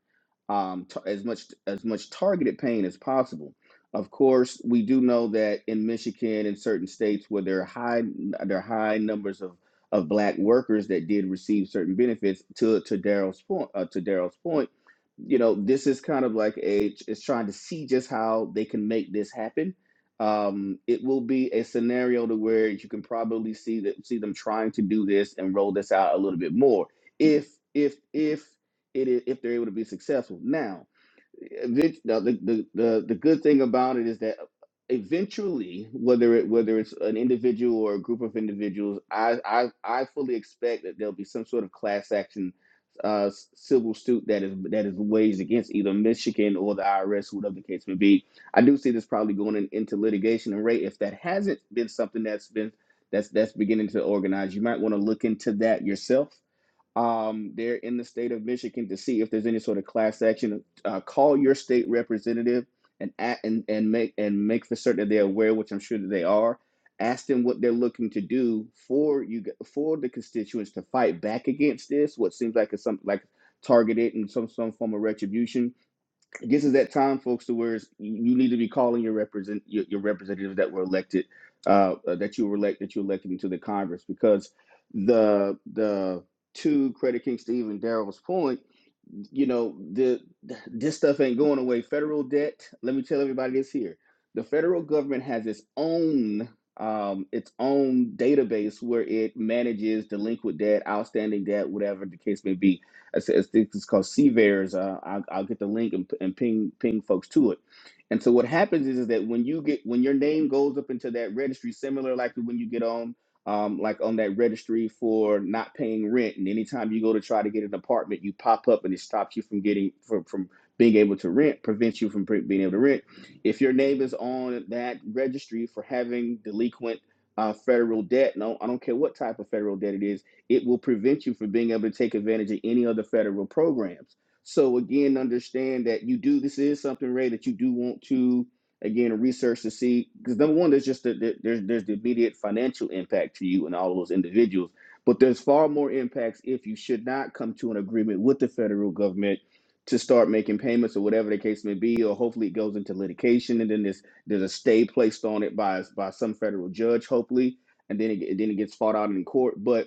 C: um, t- as much as much targeted pain as possible. Of course, we do know that in Michigan and certain states where there are high there are high numbers of of black workers that did receive certain benefits. To to Daryl's point, uh, to Daryl's point you know, this is kind of like a it's trying to see just how they can make this happen. Um, it will be a scenario to where you can probably see that see them trying to do this and roll this out a little bit more if if if it is if they're able to be successful. Now, event- now the, the, the, the good thing about it is that eventually whether it whether it's an individual or a group of individuals i i, I fully expect that there'll be some sort of class action uh, s- civil suit that is that is waged against either Michigan or the IRS, whatever the case may be. I do see this probably going in, into litigation and rate if that hasn't been something that's been that's that's beginning to organize. You might want to look into that yourself um, are in the state of Michigan to see if there's any sort of class action. Uh, call your state representative and a and and make and make for certain that they're aware, which I'm sure that they are. Ask them what they're looking to do for you g- for the constituents to fight back against this. What seems like it's some like targeted and some some form of retribution this is that time, folks, to where you need to be calling your represent your, your representatives that were elected, uh, uh, that you were elect that you elected into the Congress, because the the to Credit King Steve and Daryl's point, you know the this stuff ain't going away. Federal debt. Let me tell everybody this here: the federal government has its own um, its own database where it manages delinquent debt, outstanding debt, whatever the case may be it's, it's, it's called Seavers. Uh, I'll, I'll get the link and, and ping ping folks to it. And so what happens is, is that when you get when your name goes up into that registry, similar like when you get on um, like on that registry for not paying rent, and anytime you go to try to get an apartment, you pop up and it stops you from getting from, from being able to rent, prevents you from pre- being able to rent. If your name is on that registry for having delinquent uh, federal debt, no, I don't care what type of federal debt it is it will prevent you from being able to take advantage of any other federal programs. So again, understand that you do this is something Ray that you do want to again research to see because number one, there's just the, the- there's there's the immediate financial impact to you and all of those individuals, but there's far more impacts if you should not come to an agreement with the federal government to start making payments or whatever the case may be, or hopefully it goes into litigation and then there's there's a stay placed on it by by some federal judge, hopefully, and then it, then it gets fought out in court, but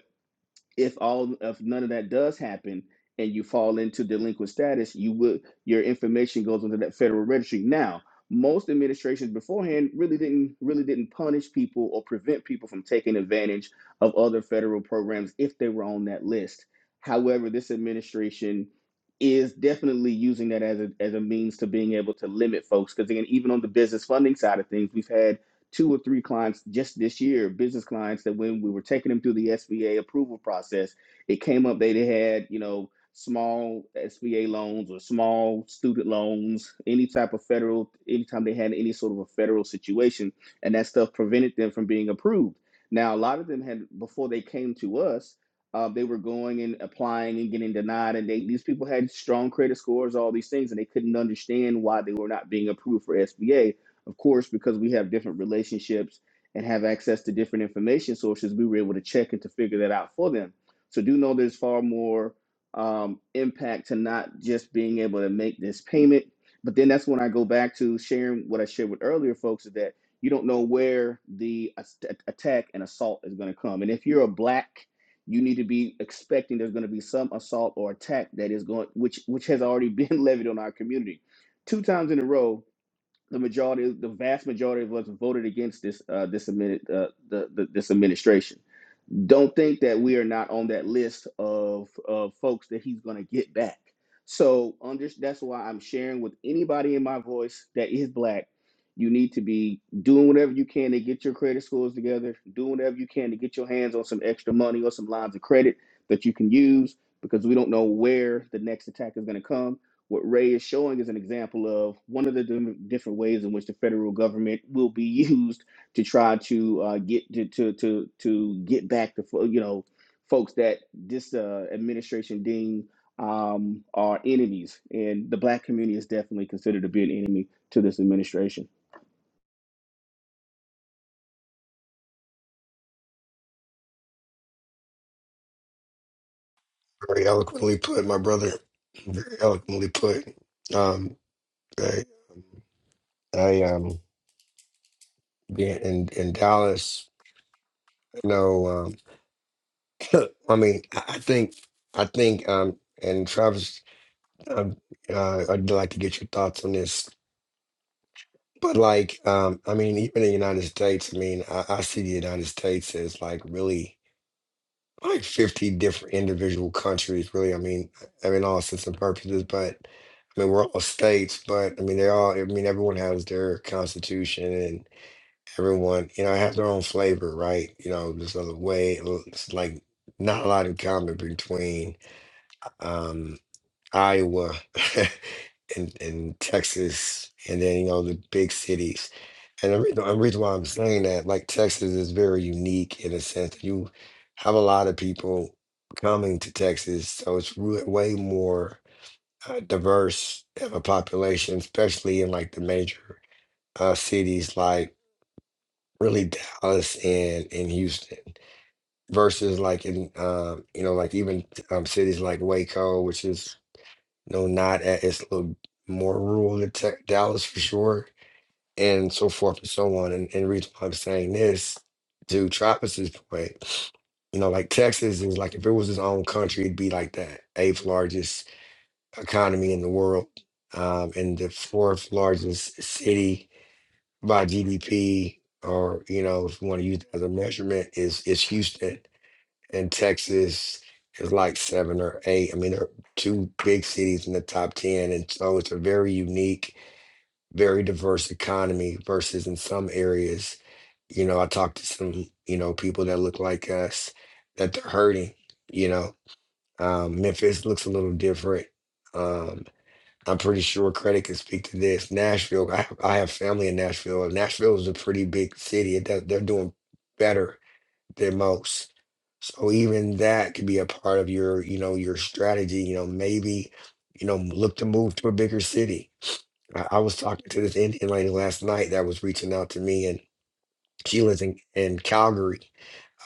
C: if all if none of that does happen and you fall into delinquent status you would your information goes into that federal registry now most administrations beforehand really didn't really didn't punish people or prevent people from taking advantage of other federal programs if they were on that list however this administration is definitely using that as a, as a means to being able to limit folks because again even on the business funding side of things we've had two or three clients just this year, business clients that when we were taking them through the SBA approval process, it came up they had, you know, small SBA loans or small student loans, any type of federal, anytime they had any sort of a federal situation, and that stuff prevented them from being approved. Now, a lot of them had, before they came to us, uh, they were going and applying and getting denied, and they, these people had strong credit scores, all these things, and they couldn't understand why they were not being approved for SBA of course, because we have different relationships and have access to different information sources, we were able to check and to figure that out for them. So do know there's far more um, impact to not just being able to make this payment, but then that's when I go back to sharing what I shared with earlier folks is that you don't know where the as- attack and assault is going to come. And if you're a black, you need to be expecting there's going to be some assault or attack that is going, which which has already been levied on our community. Two times in a row, the majority, the vast majority of us voted against this uh, this amendment, uh, the, the this administration don't think that we are not on that list of, of folks that he's going to get back. So under, that's why I'm sharing with anybody in my voice that is black. You need to be doing whatever you can to get your credit scores together, doing whatever you can to get your hands on some extra money or some lines of credit that you can use because we don't know where the next attack is going to come. What Ray is showing is an example of one of the different ways in which the federal government will be used to try to uh, get to, to to to get back to you know folks that this uh, administration deem um, are enemies, and the black community is definitely considered to be an enemy to this administration.
D: Very eloquently put, my brother. Very eloquently put. Um, they, I um. Yeah, in in Dallas, you know, um, I mean, I I think I think um, and Travis, um, uh, I'd like to get your thoughts on this. But like, um, I mean, even in the United States, I mean, I, I see the United States as like really like 50 different individual countries, really. I mean, I mean, all sense and purposes, but I mean, we're all states, but I mean, they all, I mean, everyone has their constitution everyone, you know, have their own flavor, right? You know, there's a way, it's like not a lot in common between um, Iowa and, and Texas, and then, you know, the big cities. And the reason, the reason why I'm saying that, like, Texas is very unique in a sense that you have a lot of people coming to Texas, so it's re- way more uh, diverse of a population, especially in like the major uh, cities like really Dallas and and Houston versus like in um you know like even um cities like Waco, which is you know not at, it's a little more rural than Tech, Dallas for sure, and so forth and so on. And and the reason why I'm saying this to Travis's point, you know, like Texas is like if it was its own country, it'd be like the eighth largest economy in the world, um, and the fourth largest city by GDP, or you know, if you want to use that as a measurement, is is Houston and Texas is like seven or eight. I mean, they are two big cities in the top ten, and so it's a very unique, very diverse economy. Versus in some areas, you know, I talked to some you know people that look like us that they're hurting. You know, um, Memphis looks a little different. Um, I'm pretty sure credit can speak to this. Nashville, I have, I have family in Nashville. and Nashville is a pretty big city. It does, they're doing better than most. So even that could be a part of your, you know, your strategy. You know, maybe, you know, look to move to a bigger city. I, I was talking to this Indian lady last night that was reaching out to me, and she lives in, in Calgary.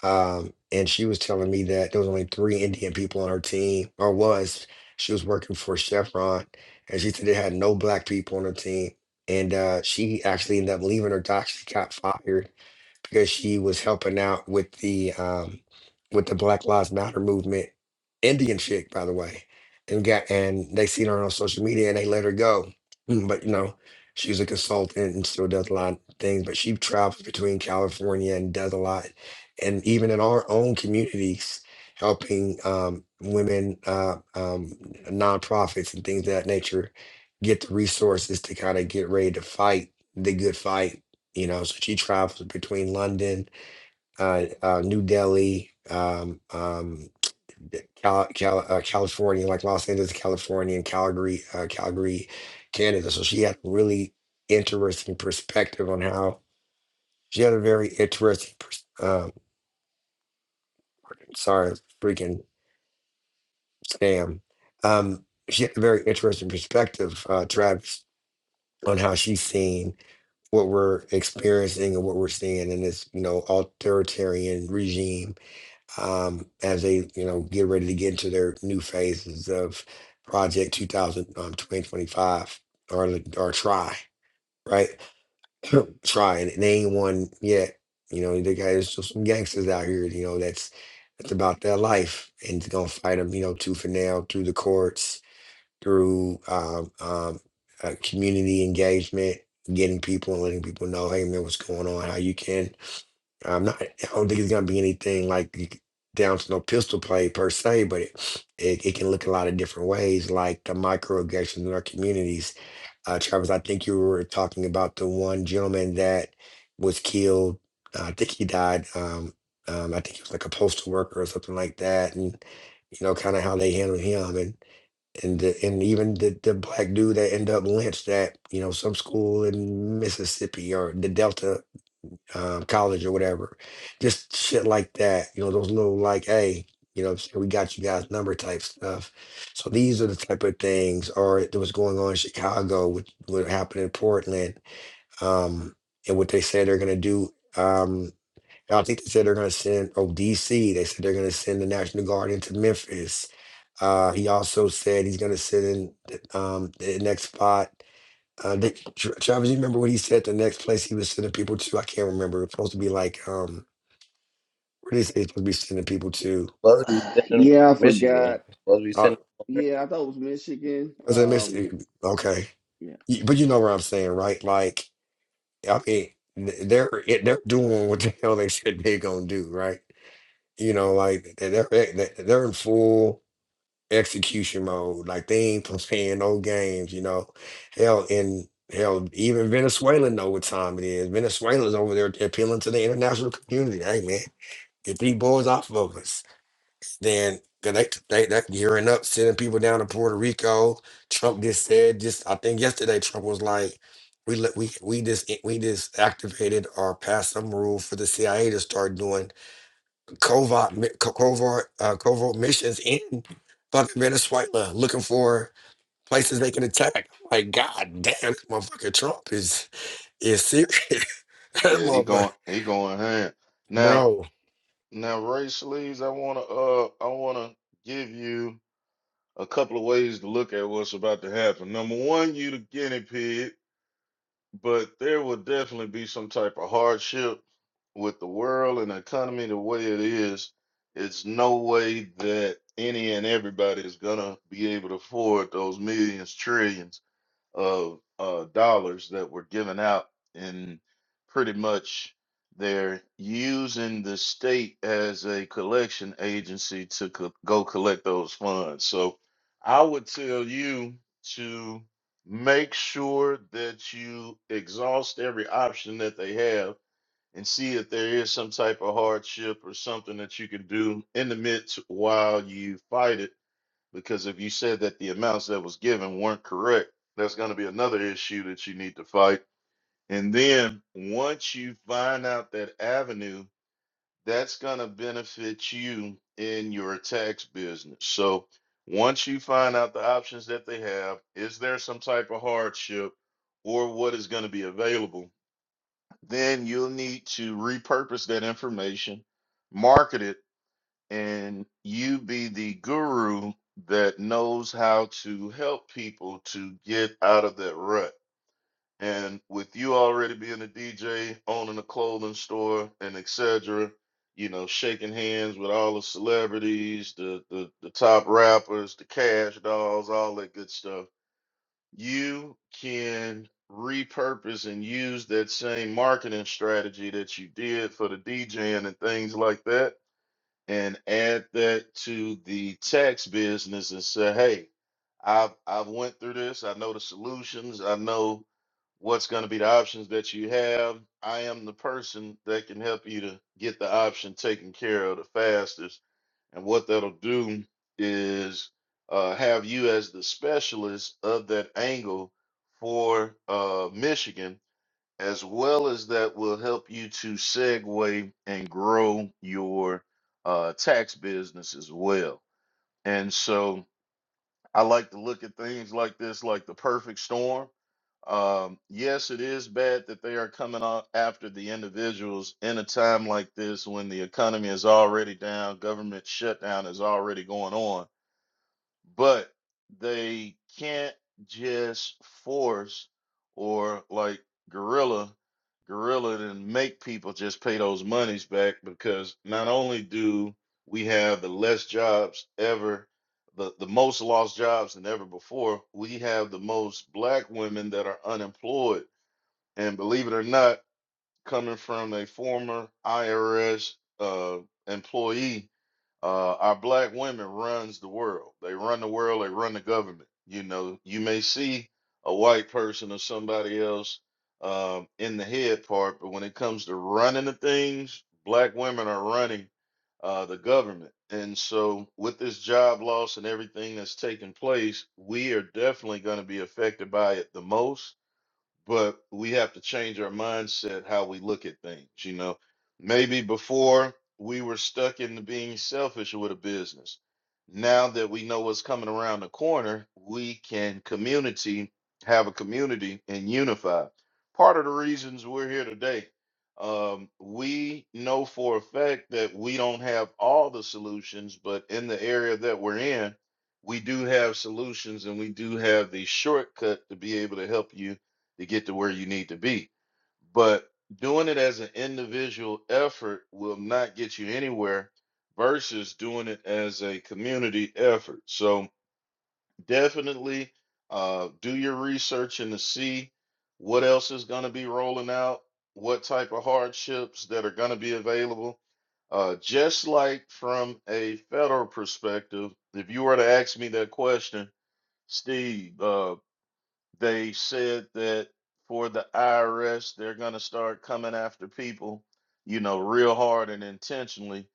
D: Um, and she was telling me that there was only three Indian people on her team, or was. She was working for Chevron, and she said they had no black people on her team. And uh, she actually ended up leaving her job. She got fired because she was helping out with the um with the Black Lives Matter movement. Indian chick, by the way, and got and they seen her on social media and they let her go. Mm, But you know, she's a consultant and still does a lot of things. But she travels between California and does a lot, and even in our own communities, helping um, women, uh, um, nonprofits, and things of that nature get the resources to kind of get ready to fight the good fight you know, so she travels between London, uh, uh, New Delhi, um, um, Cal- Cal- uh, California, like Los Angeles, California, and Calgary, uh, Calgary, Canada. So she had a really interesting perspective on how she had a very interesting, pers- um, sorry, freaking scam. Um, she had a very interesting perspective, uh, Travis, on how she's seen what we're experiencing and what we're seeing in this, you know, authoritarian regime um, as they you know get ready to get into their new phases of project 2000 um, 2025 or the- or try right try and they ain't won yet you know the guys just some gangsters out here you know that's that's about their life and it's gonna fight them you know tooth and nail through the courts through um, um, uh, community engagement getting people and letting people know hey man what's going on how you can I'm not. I don't think it's gonna be anything like you- c- down to no pistol play per se, but it, it it can look a lot of different ways, like the microaggressions in our communities. Uh, Travis, I think you were talking about the one gentleman that was killed. Uh, I think he died. Um, um, I think he was like a postal worker or something like that, and you know, kind of how they handled him, and and the, and even the the black dude that ended up lynched at you know some school in Mississippi or the Delta um, college or whatever. Just shit like that. You know, those little like, hey, you know, what I'm saying, we got you guys number type stuff. So these are the type of things, or that was going on in Chicago, with what happened in Portland, um, and what they said they're gonna do. Um, I think they said they're gonna send oh DC. They said they're gonna send the National Guard into Memphis. Uh, he also said he's gonna send in um, the next spot. Uh, they, Tra- Travis, you remember what he said? The next place he was sending people to, I can't remember. It's supposed to be like, um, what is it? Supposed to be sending people to?
B: Supposed to be sending them to
C: Yeah, I
B: Michigan.
C: forgot.
B: Supposed to be
D: Uh,
B: sending.
C: Yeah, I thought it was Michigan.
D: was it miss? uh,
C: Um,
D: Okay,
C: yeah,
D: You- but you know what I'm saying, right? Like, I mean, th- they're it- they're doing what the hell they said they're gonna do, right? You know, like they're they're eh, they- they're in full execution mode. Like they ain't playing no games. You know, hell in. Hell, even Venezuela know what time it is. Venezuela's over there appealing to the international community. Hey man, Get these boys off of us. Then they, they, they gearing up, sending people down to Puerto Rico. Trump just said, just I think yesterday, Trump was like, we let we we just we just activated or passed some rule for the CIA to start doing covert mi- co- covert uh, covert missions in fucking Venezuela, looking for places they can attack. Like God damn, this motherfucker Trump is is serious, that
A: Yeah, he
D: motherfucker,
A: going he going hand. Now
D: bro.
A: Now, Ray Sleeves, I wanna uh I wanna give you a couple of ways to look at what's about to happen. Number one, you the guinea pig, but there will definitely be some type of hardship with the world and the economy the way it is. It's no way that any and everybody is gonna be able to afford those millions, trillions of uh, dollars that were given out, and pretty much they're using the state as a collection agency to co- go collect those funds. So I would tell you to make sure that you exhaust every option that they have and see if there is some type of hardship or something that you can do in the midst while you fight it because if you said that the amounts that was given weren't correct, that's going to be another issue that you need to fight. And then once you find out that avenue, that's going to benefit you in your tax business. So once you find out the options that they have, is there some type of hardship or what is going to be available? Then you'll need to repurpose that information, market it and you be the guru that knows how to help people to get out of that rut. And with you already being a DJ, owning a clothing store, and etc., you know, shaking hands with all the celebrities, the, the the top rappers, the cash dolls, all that good stuff. You can repurpose and use that same marketing strategy that you did for the DJing and things like that and add that to the tax business and say, hey, I've I've went through this. I know the solutions. I know what's going to be the options that you have. I am the person that can help you to get the option taken care of the fastest. And what that'll do is uh, have you as the specialist of that angle for uh, Michigan as well as that will help you to segue and grow your uh, tax business as well. And so I like to look at things like this, like the perfect storm. Um, yes, it is bad that they are coming out after the individuals in a time like this when the economy is already down, government shutdown is already going on but they can't just force or like gorilla gorilla and make people just pay those monies back because not only do we have the less jobs ever the, the most lost jobs than ever before we have the most black women that are unemployed and believe it or not coming from a former irs uh, employee uh, our black women runs the world. They run the world. They run the government. You know, you may see a white person or somebody else um, in the head part, but when it comes to running the things, black women are running uh, the government. And so, with this job loss and everything that's taking place, we are definitely going to be affected by it the most but we have to change our mindset how we look at things you know maybe before we were stuck into being selfish with a business now that we know what's coming around the corner we can community have a community and unify part of the reasons we're here today um, we know for a fact that we don't have all the solutions but in the area that we're in we do have solutions and we do have the shortcut to be able to help you to get to where you need to be. But doing it as an individual effort will not get you anywhere versus doing it as a community effort. So definitely uh, do your research and to see what else is going to be rolling out, what type of hardships that are going to be available. Uh, just like from a federal perspective, if you were to ask me that question, Steve, uh, they said that for the IRS, they're going to start coming after people, you know, real hard and intentionally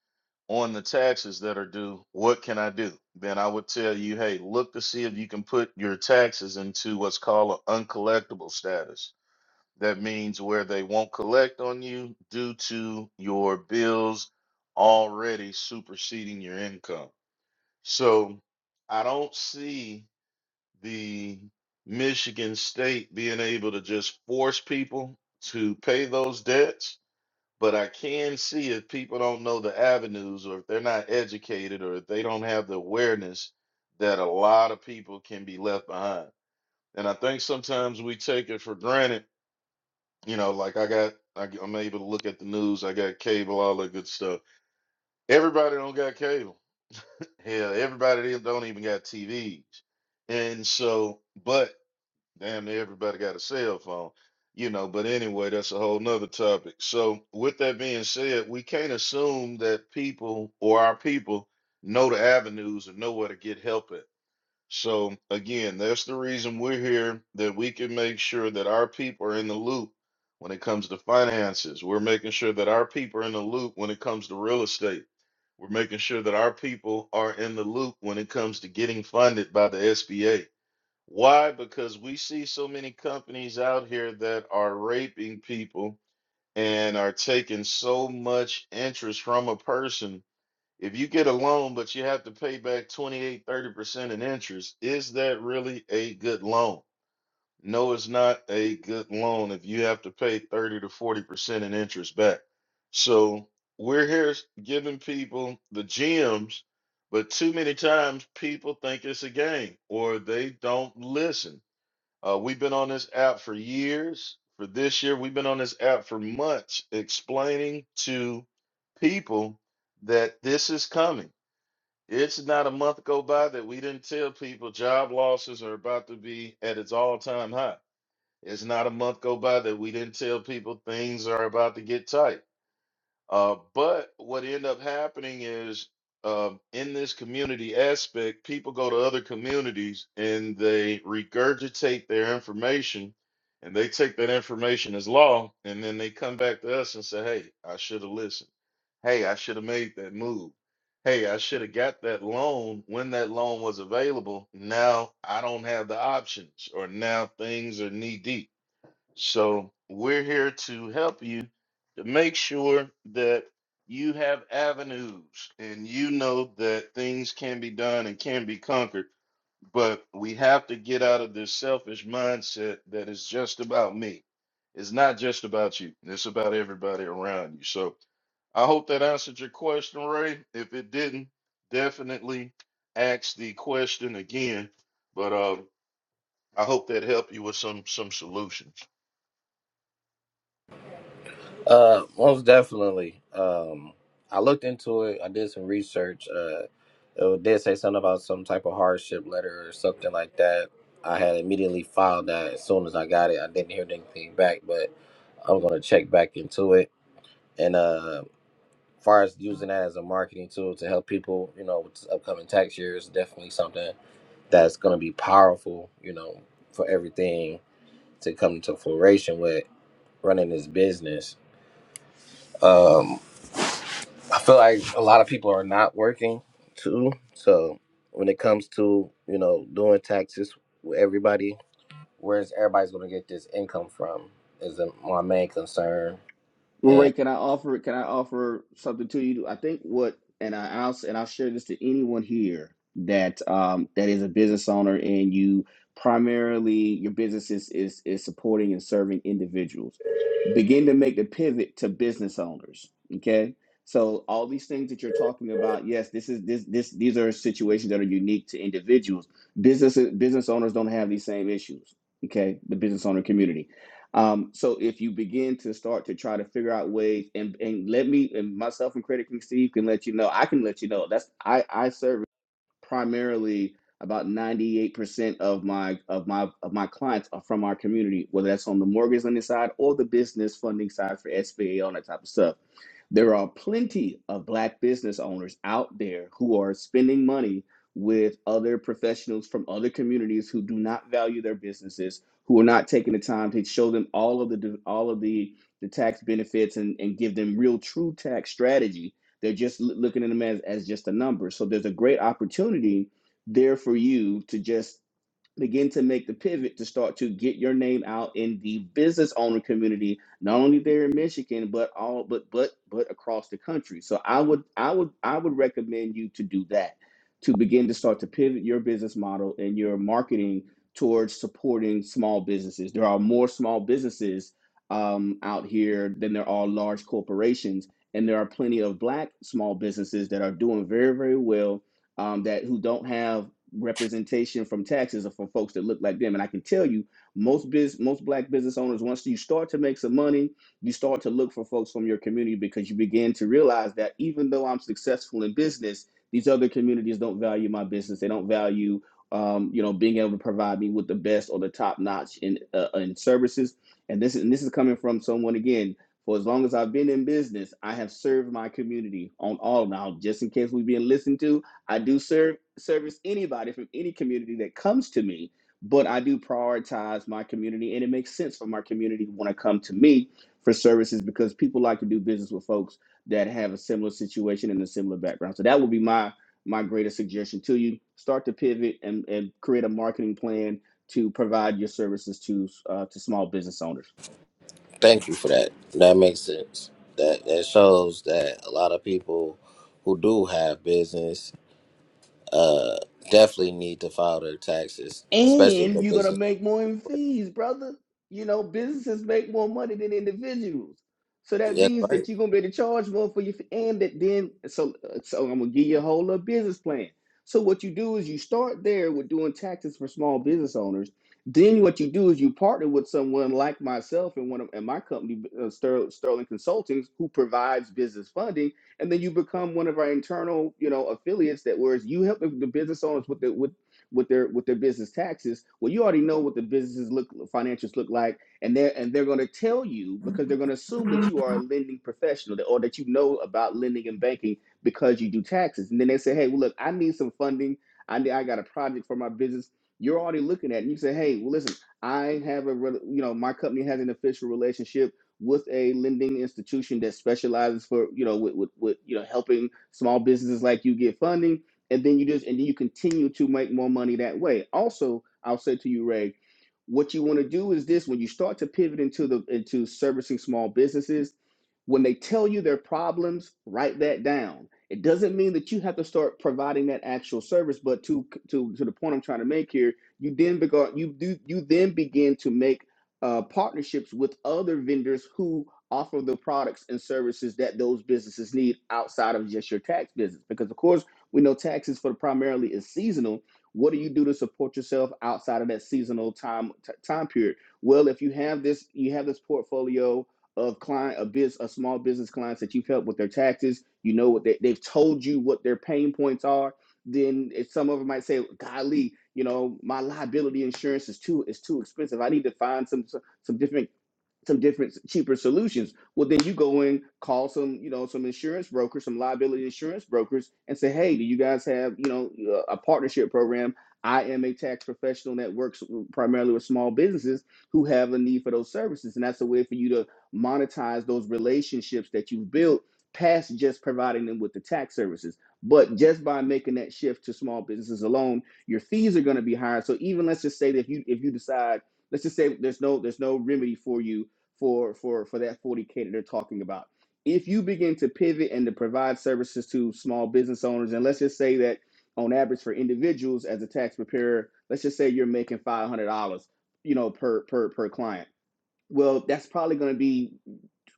A: on the taxes that are due. What can I do? Then I would tell you, hey, look to see if you can put your taxes into what's called an uncollectible status. That means where they won't collect on you due to your bills already superseding your income. So I don't see the Michigan State being able to just force people to pay those debts. But I can see if people don't know the avenues or if they're not educated or if they don't have the awareness that a lot of people can be left behind. And I think sometimes we take it for granted. You know, like I got, I, g- I'm able to look at the news, I got cable, all that good stuff. Everybody don't got cable. Hell, everybody don't even got TVs. And so, but Damn near everybody got a cell phone, you know. But anyway, that's a whole nother topic. So, with that being said, we can't assume that people or our people know the avenues and know where to get help at. So, again, that's the reason we're here that we can make sure that our people are in the loop when it comes to finances. We're making sure that our people are in the loop when it comes to real estate. We're making sure that our people are in the loop when it comes to getting funded by the SBA why? Because we see so many companies out here that are raping people and are taking so much interest from a person. If you get a loan, but you have to pay back twenty-eight, thirty percent in interest, is that really a good loan? No, it's not a good loan if you have to pay 30 to 40% in interest back. So we're here s- giving people the gems, but too many times people think it's a game or they don't listen uh, we've been on this app for years. For this year, we've been on this app for months explaining to people that this is coming. It's not a month go by that we didn't tell people job losses are about to be at its all time high. It's not a month go by that we didn't tell people things are about to get tight. Uh, but what end up happening is um, in this community aspect, people go to other communities and they regurgitate their information and they take that information as law. And then they come back to us and say, hey, I should have listened. Hey, I should have made that move. Hey, I should have got that loan when that loan was available. Now I don't have the options, or now things are knee deep. So we're here to help you to make sure that you have avenues and you know that things can be done and can be conquered. But we have to get out of this selfish mindset that it's just about me. It's not just about you, it's about everybody around you. So I hope that answered your question, Ray. If it didn't, definitely ask the question again. But uh, I hope that helped you with some some solutions.
B: Uh, most definitely. Um, I looked into it. I did some research. Uh, it did say something about some type of hardship letter or something like that. I had immediately filed that as soon as I got it. I didn't hear anything back, but I'm gonna check back into it. And uh, far as using that as a marketing tool to help people, you know, with upcoming tax year is definitely something that's gonna be powerful. You know, for everything to come to floration with running this business. Um, I feel like a lot of people are not working too. So when it comes to you know doing taxes with everybody, where's everybody's going to get this income from is the- my main concern.
C: Well, Ray,
B: And
C: can I offer? Can I offer something to you? I think what, and I, I'll and I'll share this to anyone here that um, that is a business owner, and you primarily your business is is is supporting and serving individuals. Begin to make the pivot to business owners. Okay, so all these things that you're talking about, yes, this is this this these are situations that are unique to individuals. Business business owners don't have these same issues. Okay, the business owner community um, so if you begin to start to try to figure out ways, and and let me and myself and Credit King Steve can let you know, I can let you know. That's I I service primarily about 98% of my of my of my clients are from our community, whether that's on the mortgage lending side or the business funding side for SBA, all that type of stuff. There are plenty of black business owners out there who are spending money with other professionals from other communities who do not value their businesses, who are not taking the time to show them all of the all of the the tax benefits and, and give them real true tax strategy they're just looking at them as, as just a number. So there's a great opportunity there for you to just begin to make the pivot to start to get your name out in the business owner community not only there in michigan but all but but but across the country so i would i would i would recommend you to do that to begin to start to pivot your business model and your marketing towards supporting small businesses there are more small businesses um, out here than there are large corporations and there are plenty of black small businesses that are doing very very well um, that who don't have representation from taxes or from folks that look like them. And I can tell you, most biz, most black business owners, once you start to make some money, you start to look for folks from your community because you begin to realize that even though I'm successful in business, these other communities don't value my business. They don't value, um, you know, being able to provide me with the best or the top notch in uh, in services. And this is and this is coming from someone again for as long as I've been in business, I have served my community on all now, just in case we're being listened to. I do serve service anybody from any community that comes to me, but I do prioritize my community, and it makes sense for my community to want to come to me for services because people like to do business with folks that have a similar situation and a similar background. So that would be my my greatest suggestion to you: start to pivot and and create a marketing plan to provide your services to uh, to small business owners.
B: thank you for that. That makes sense. That that shows that a lot of people who do have business uh definitely need to file their taxes, especially if
C: and
B: their
C: you're gonna
B: business.
C: make more in fees, brother. You know, businesses make more money than individuals, so that
B: Yes,
C: means
B: right.
C: that you're gonna be able to charge more for your fee. And that then, so so I'm gonna give you a whole little business plan. So what you do is you start there with doing taxes for small business owners. Then what you do is you partner with someone like myself and one of and my company uh, Ster- Sterling Consultings, who provides business funding, and then you become one of our internal, you know, affiliates that whereas you help the the business owners with the with with their with their business taxes. Well, you already know what the businesses look financials look like, and they're and they're going to tell you because they're going to assume that you are a lending professional or that you know about lending and banking because you do taxes. And then they say, hey, well, look, I need some funding. I need, I got a project for my business. You're already looking at it. And you say, hey, well, listen, I have a you know my company has an official relationship with a lending institution that specializes for you know with, with, with you know helping small businesses like you get funding and then you just and then you continue to make more money that way also i'll say to you ray what you want to do is this when you start to pivot into the into servicing small businesses when they tell you their problems write that down it doesn't mean that you have to start providing that actual service but to to to the point i'm trying to make here you then begin you do you then begin to make uh, partnerships with other vendors who offer the products and services that those businesses need outside of just your tax business because of course we know taxes for primarily is seasonal. What do you do to support yourself outside of that seasonal time t- time period? Well, if you have this, you have this portfolio of client, a biz, a small business clients that you've helped with their taxes. You know what they, they've told you what their pain points are. Then if some of them might say, "Golly, you know, my liability insurance is too is too expensive. I need to find some some different some different cheaper solutions well then you go in call some you know some insurance brokers some liability insurance brokers and say hey do you guys have you know a partnership program i am a tax professional that works primarily with small businesses who have a need for those services and that's a way for you to monetize those relationships that you've built past just providing them with the tax services but just by making that shift to small businesses alone your fees are going to be higher so even let's just say that if you if you decide let's just say there's no there's no remedy for you for for for that 40k that they're talking about if you begin to pivot and to provide services to small business owners and let's just say that on average for individuals as a tax preparer let's just say you're making $500 you know per per per client well that's probably going to be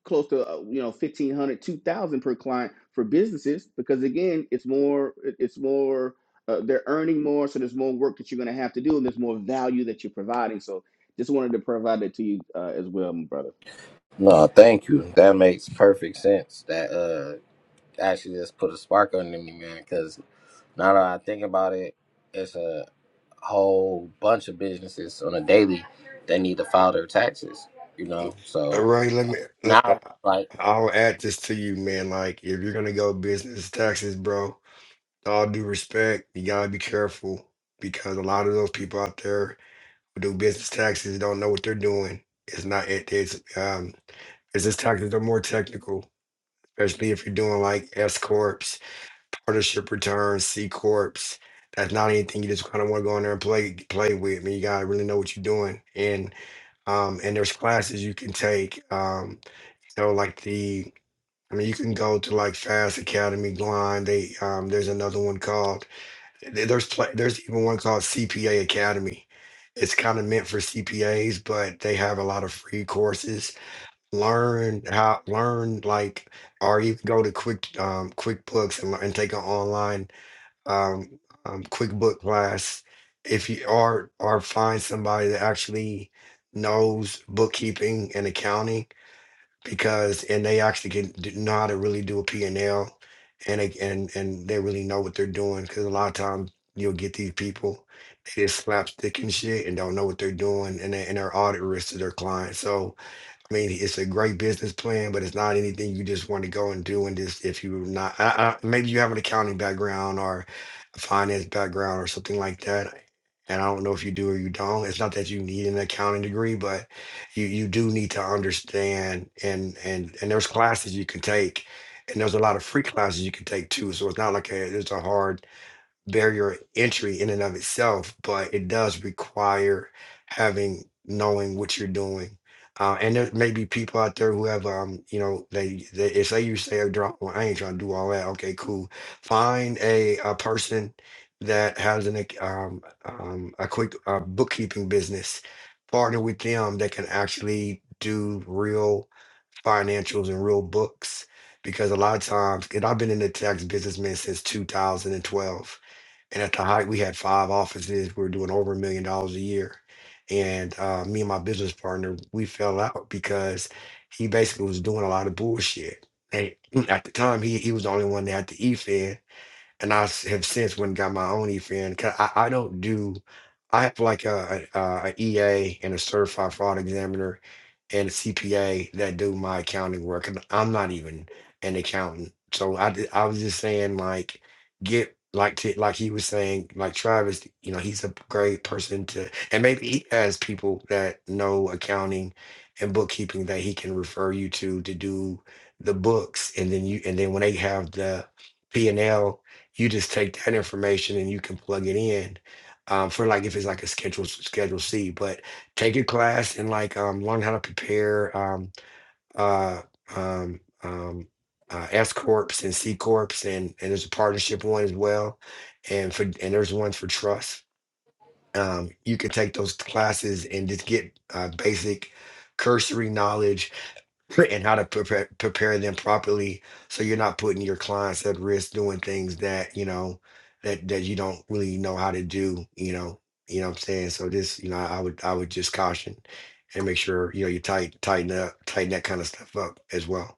C: close to uh, you know 1500, 2000 per client for businesses because again it's more it- it's more uh, they're earning more so there's more work that you're going to have to do and there's more value that you're providing so just wanted to provide that to you uh, as well my brother
B: No, thank you. That makes perfect sense. That uh actually just put a spark under me, man, because. Now that I think about it, it's a whole bunch of businesses on a daily that need to file their taxes, you know?
D: Uh,
B: So
D: Ray, let me. let- uh,
B: now, like,
D: I'll add this to you, man. Like, if you're gonna go business taxes, bro, with all due respect, you gotta be careful because a lot of those people out there who do business taxes don't know what they're doing. It's not. It, it's um. Business taxes are more technical, especially if you're doing like S corps, partnership returns, C corps. That's not anything you just kind of want to go in there and play play with. I mean, you gotta really know what you're doing. And um, and there's classes you can take. Um, so like the, I mean, you can go to like Fast Academy, Blind. They um, there's another one called there- there's pla there's even one called CPA Academy. It's kind of meant for CPAs, but they have a lot of free courses. Learn how learn like or you can go to Quick um, QuickBooks and, lear- and take an online um, um, QuickBook class if you or or find somebody that actually knows bookkeeping and accounting because and they actually can do, know how to really do a P and l and they, and and they really know what they're doing because a lot of times you'll get these people they just slapstick and shit and don't know what they're doing and they, and they're audit risk to their clients. So I mean, it's a great business plan, but it's not anything you just want to go and do. And just if you're not, I, I, maybe you have an accounting background or a finance background or something like that. And I don't know if you do or you don't. It's not that you need an accounting degree, but you you do need to understand. And and and there's classes you can take, and there's a lot of free classes you can take too. So it's not like a, it's a hard barrier entry in and of itself, but it does require having knowing what you're doing. Uh, and there may be people out there who have, um, you know, they, they if they used to say, "Drop, well, I ain't trying to do all that." Okay, cool. Find a a person that has an ac- um, um, a quick uh, bookkeeping business. Partner with them that can actually do real financials and real books, because a lot of times, and I've been in the tax business man since 2012 and at the height, we had five offices. We were doing over a million dollars a year. And uh, me and my business partner, we fell out because he basically was doing a lot of bullshit. And at the time, he, he was the only one that had to e-fin and I s- have since went and got my own EFN. 'cause I, I don't do, I have like a, a, EA and a certified fraud examiner and a CPA that do my accounting work. And I'm not even an accountant. So I, d- I was just saying like, get like, to, like he was saying, like Travis, you know, he's a great person to, and maybe he has people that know accounting and bookkeeping that he can refer you to, to do the books. And then you, and then when they have the P and L you just take that information and you can plug it in um, for like if it's like a schedule schedule C. But take a class and like um, learn how to prepare um, uh, um, um, uh, S corps and C corps and and there's a partnership one as well, and for and there's one for trust. Um, you can take those classes and just get uh, basic cursory knowledge and how to prepare prepare them properly so you're not putting your clients at risk doing things that you know that that you don't really know how to do you know you know what i'm saying so this you know i would i would just caution and make sure you know you tight tighten up tighten that kind of stuff up as well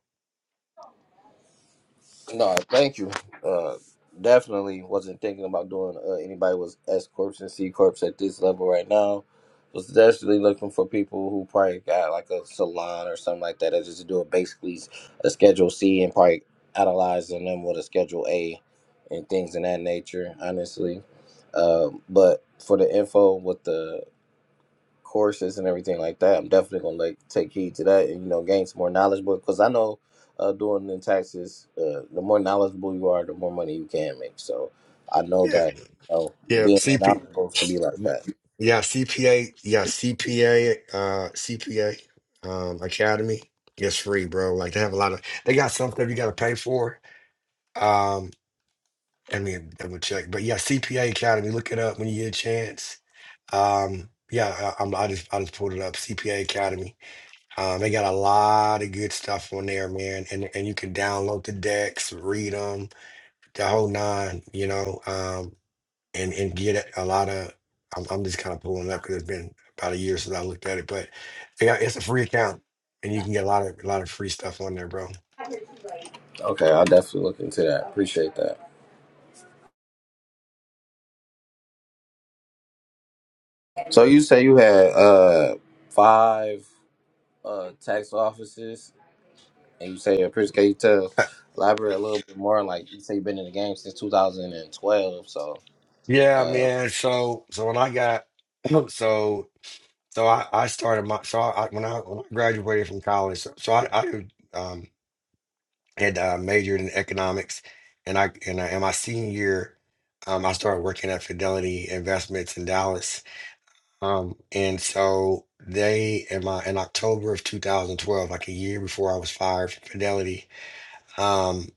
B: No, thank you. Uh, definitely wasn't thinking about doing uh, anybody with S corps and C corps at this level right now. Was definitely looking for people who probably got like a salon or something like that that just doing basically a Schedule C and probably analyzing them with a Schedule A and things in that nature. Honestly, um, but for the info with the courses and everything like that. I'm definitely gonna like take heed to that and you know gain some more knowledge. But because I know uh, doing in taxes, uh, the more knowledgeable you are, the more money you can make. So I know
D: yeah
B: that you know
D: yeah
B: being
D: cp
B: knowledgeable can be like that.
D: yeah cpa yeah cpa uh cpa um academy it's free bro like they have a lot of they got something you got to pay for Um, Let me double check. But yeah, CPA Academy. Look it up when you get a chance. Um, yeah, I, I'm, I just I just pulled it up. CPA Academy. Um, they got a lot of good stuff on there, man. And and you can download the decks, read them, the whole nine. You know, um, and and get a lot of. I'm, I'm just kind of pulling it up because it's been about a year since I looked at it. But yeah, it's a free account, and you can get a lot of a lot of free stuff on there, bro.
B: Okay, I'll definitely look into that. Appreciate that. So you say you had uh five. uh tax offices and you say your Prince, can you tell elaborate a little bit more? Like you say you've been in the game since two thousand and twelve, so
D: Yeah,
B: uh
D: man. So so when I got so. So I, I started my so I, when I when I graduated from college, so, so I, I um, had uh, majored in economics, and I and I, in my senior year, um, I started working at Fidelity Investments in Dallas, um, and so they in my in October of 2012, like a year before I was fired from Fidelity, um,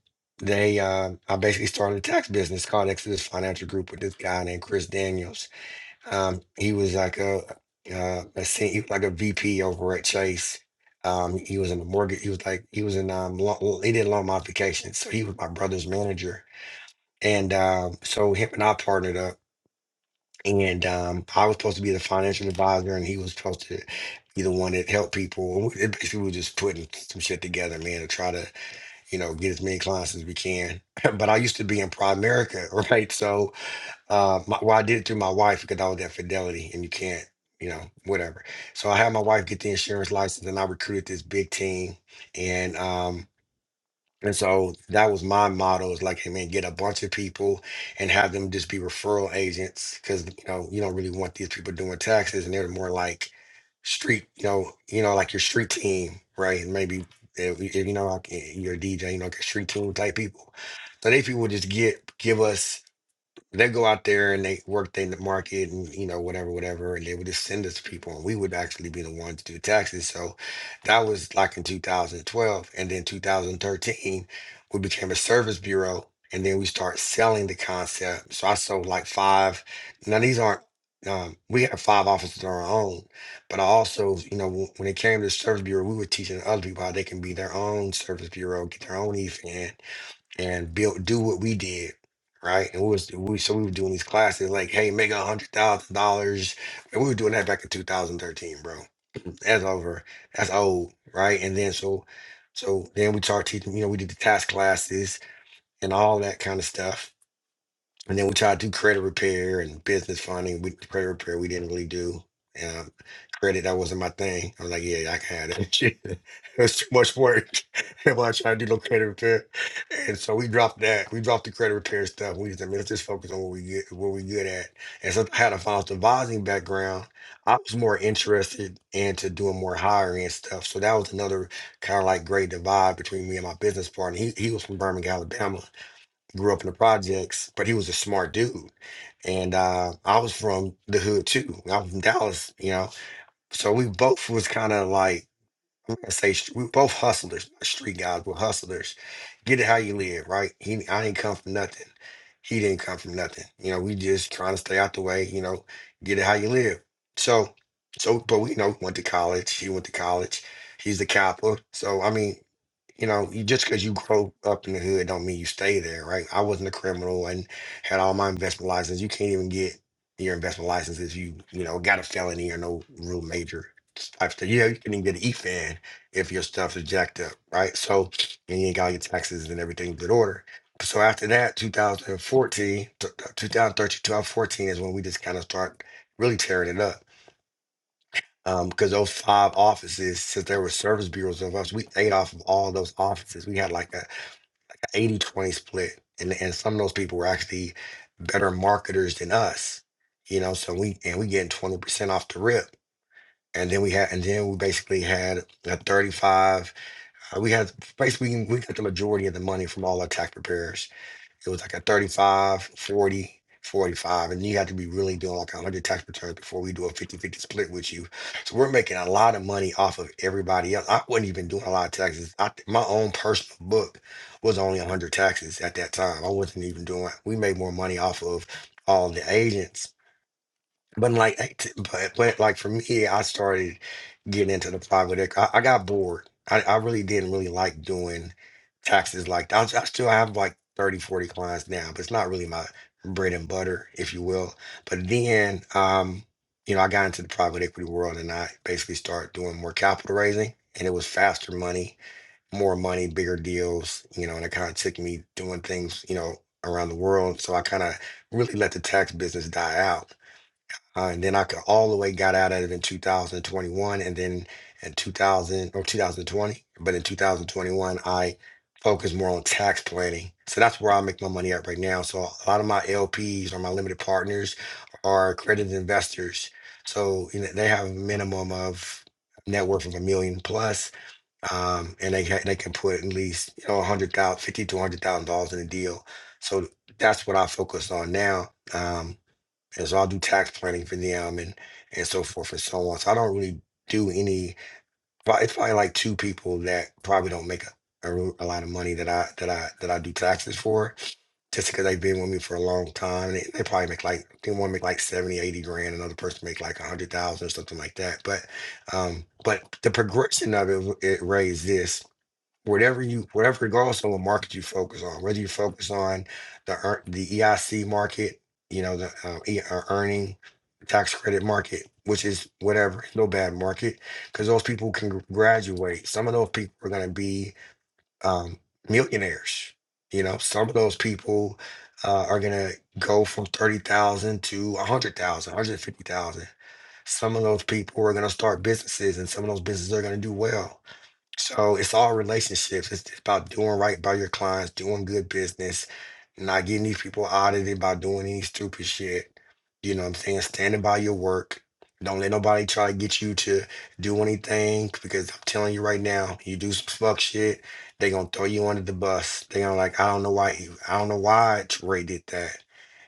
D: they uh, I basically started a tax business called Exodus Financial Group with this guy named Chris Daniels um, he was like a uh, a sen- he was like a VP over at Chase. Um, he was in the mortgage. He was like he was in um lo- he did loan modifications, so he was my brother's manager. And um, so him and I partnered up, and um, I was supposed to be the financial advisor, and he was supposed to be the one that helped people. And we- It basically was just putting some shit together, man, to try to you know get as many clients as we can. But I used to be in Primerica, right? So uh, my, well, I did it through my wife because I was at Fidelity, and you can't, you know, whatever. So I had my wife get the insurance license, and I recruited this big team, and um, and so that was my motto is like, hey man, get a bunch of people and have them just be referral agents because you know you don't really want these people doing taxes, and they're more like street, you know, you know, like your street team, right? And maybe if, if you know, like, eh, you're a DJ, you know, like a street team type people. So they people would just get give us. They go out there and they work the market and you know whatever, whatever, and they would just send us people, and we would actually be the ones to do taxes. So that was like in 2012, and then 2013, we became a service bureau, and then we start selling the concept. So I sold like five. Now these aren't. Um, we have five offices on our own, but I also, you know, when when it came to the service bureau, we were teaching other people how they can be their own service bureau, get their own EFAN, and build do what we did right and we was we so we were doing these classes like hey make a hundred thousand dollars and we were doing that back in 2013 bro that's over that's old right and then so so then we started teaching you know we did the task classes and all that kind of stuff and then we tried to do credit repair and business funding. We credit repair we didn't really do. And um, credit that wasn't my thing. I was like, yeah, I can have that shit. It was too much work. And when I tried to do no credit repair, and so we dropped that. We dropped the credit repair stuff. We just, I mean, let's just focus on what we get, what we good at. And so I had a financial advising background. I was more interested into doing more hiring and stuff. So that was another kind of like great divide between me and my business partner. He he was from Birmingham, Alabama grew up in the projects, but he was a smart dude. And uh, I was from the hood too. I was from Dallas, you know. So we both was kind of like I'm gonna say st- we both hustlers, not street guys, but hustlers. Get it how you live, right? He, I didn't come from nothing. He didn't come from nothing. You know, we just trying to stay out the way. You know, get it how you live. So, so, but we you know went to college. He went to college. He's the Kappa. So I mean, you know, you, just because you grow up in the hood don't mean you stay there, right? I wasn't a criminal and had all my investment license. You can't even get your investment license if you, you know, got a felony or no real major type stuff. Yeah, you can even get an E fan if your stuff is jacked up, right? So, and you ain't got your taxes and everything in good order. So after that, 2014, t- t- 2013, is when we just kind of start really tearing it up um, because those five offices, since there were service bureaus of us, we ate off of all those offices. We had like a 80 20 split. And, and some of those people were actually better marketers than us, you know. So we and we getting 20% off the rip. And then we had, and then we basically had a 35. uh, we had basically, we got the majority of the money from all our tax preparers it was like a 35, 40, 45, And you had to be really doing like 100 tax returns before we do a fifty-fifty split with you. So we're making a lot of money off of everybody else. I wasn't even doing a lot of taxes. I, my own personal book was only 100 taxes at that time. I wasn't even doing, we made more money off of all the agents. But like, act- but, but like for me, I started getting into the politics. I, I got bored. I, I really didn't really like doing taxes like that. I, I still have like 30, 40 clients now, but it's not really my bread and butter, if you will. But then, um, you know, I got into the private equity world and I basically started doing more capital raising. And it was faster money, more money, bigger deals, you know, and it kind of took me doing things, you know, around the world. So I kind of really let the tax business die out. Uh, and then I could all the way got out of it in 2021 and then in 2000 or 2020. But in 2021, I focused more on tax planning. So that's where I make my money at right now. So a lot of my LPs or my limited partners are accredited investors. So you know, they have a minimum of net worth of a million plus, um, and they ha- they can put at least you know 100,000, 50 to 100,000 dollars in a deal. So that's what I focus on now. Um, and so I'll do tax planning for them and and so forth and so on. So I don't really do any. prob- It's probably like two people that probably don't make a, a, real- a lot of money that I that I that I do taxes for, just because they've been with me for a long time. They, they probably make like they want to make like 70 80 grand. Another person make like a hundred thousand or something like that. But um, but the progression of it, it raised this whatever you whatever regardless of what market you focus on whether you focus on the ear- the eic market you know the uh, e- uh, earning tax credit market which is whatever no bad market because those people can gr- graduate some of those people are going to be um, millionaires you know some of those people uh, are going to go from 30000 to a 150000 some of those people are going to start businesses and some of those businesses are going to do well so it's all relationships. It's about doing right by your clients, doing good business, not getting these people audited by doing any stupid shit. You know what I'm saying? Standing by your work. Don't let nobody try to get you to do anything because I'm telling you right now, you do some fuck shit, they gonna throw you under the bus. They gonna like, I don't know why you, I don't know why Trey did that.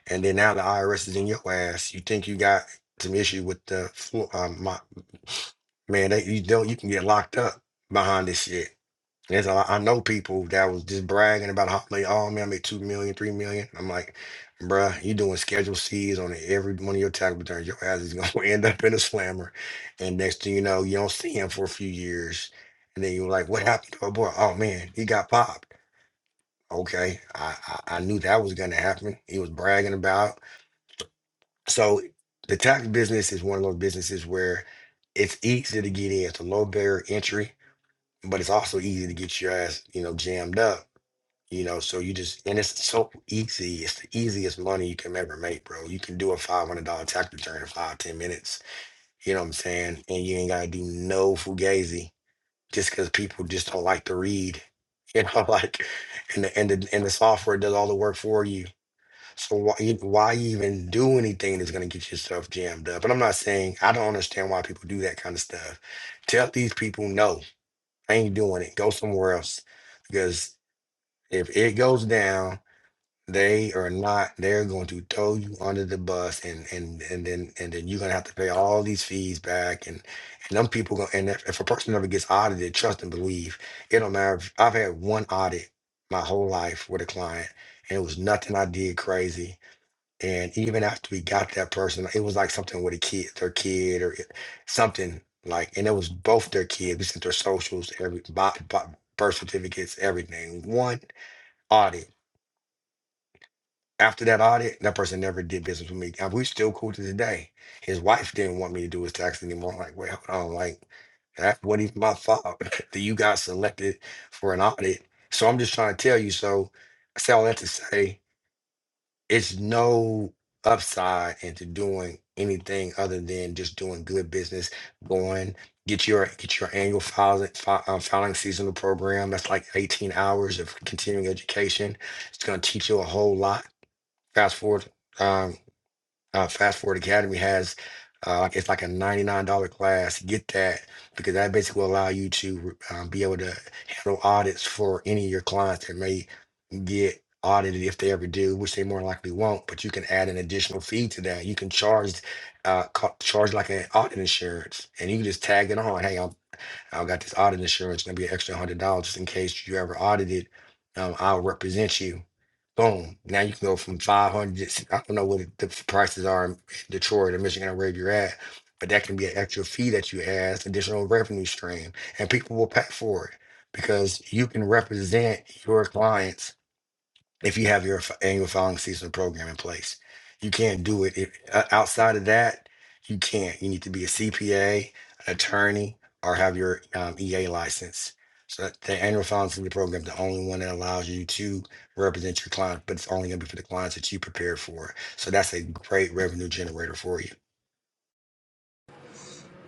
D: And then now the IRS is in your ass. You think you got some issue with the floor, um, my, man, they, you don't, you can get locked up behind this shit. There's a lot, I know people that was just bragging about how like, oh man, I made two million, three million. I'm like, bruh, you doing schedule C's on every one of your tax returns. Your ass is gonna end up in a slammer. And next thing you know, you don't see him for a few years. And then you're like, what happened to our boy? Oh man, he got popped. Okay. I, I, I knew that was gonna happen. He was bragging about. So the tax business is one of those businesses where it's easy to get in. It's a low barrier entry but it's also easy to get your ass, you know, jammed up. You know, so you just and it's so easy. It's the easiest money you can ever make, bro. You can do a five hundred dollar tax return in five ten minutes. You know what I'm saying? And you ain't gotta do no fugazi just because people just don't like to read. You know, like and the and the and the software does all the work for you. So why you- why even do anything that's gonna get yourself jammed up? And I'm not saying I don't understand why people do that kind of stuff. Tell these people no I ain't doing it. Go somewhere else. Because if it goes down, they are not, they're going to throw you under the bus and and and then and then you're gonna have to pay all these fees back and and them people going and if, if a person never gets audited, trust and believe, it don't matter if I've had one audit my whole life with a client and it was nothing I did crazy and even after we got that person, it was like something with a kid, their kid or it- something like, and it was both their kids. We sent their socials, every bo- bo- birth certificates, everything. One audit. After that audit, that person never did business with me. And we still cool to this day. His wife didn't want me to do his taxes anymore. I'm like, wait, hold on, like that wasn't even my fault that you got selected for an audit. So I'm just trying to tell you. So I say all that to say it's no upside into doing anything other than just doing good business going get your get your annual filing fi- um, filing seasonal program that's like 18 hours of continuing education it's going to teach you a whole lot fast forward um, uh, Fast Forward Academy has. Uh, like, it's like a $99 class. Get that because that basically will allow you to um, be able to handle audits for any of your clients that may get audited if they ever do, which they more likely won't. But you can add an additional fee to that. You can charge, uh, co- charge like an audit insurance, and you can just tag it on. Hey, I'm. I got this audit insurance, gonna be an extra hundred dollars just in case you ever audited. Um, I'll represent you. Boom. Now you can go from five hundred. I don't know what the f- prices are in Detroit or Michigan or wherever you're at, but that can be an extra fee that you add, additional revenue stream, and people will pay for it because you can represent your clients if you have your f- annual filing season program in place. You can't do it if, o- outside of that. You can't. You need to be a CPA, an attorney, or have your um, EA license. So that the annual filing season program is the only one that allows you to represent your client, but it's only going to be for the clients that you prepared for. So that's a great revenue generator for you.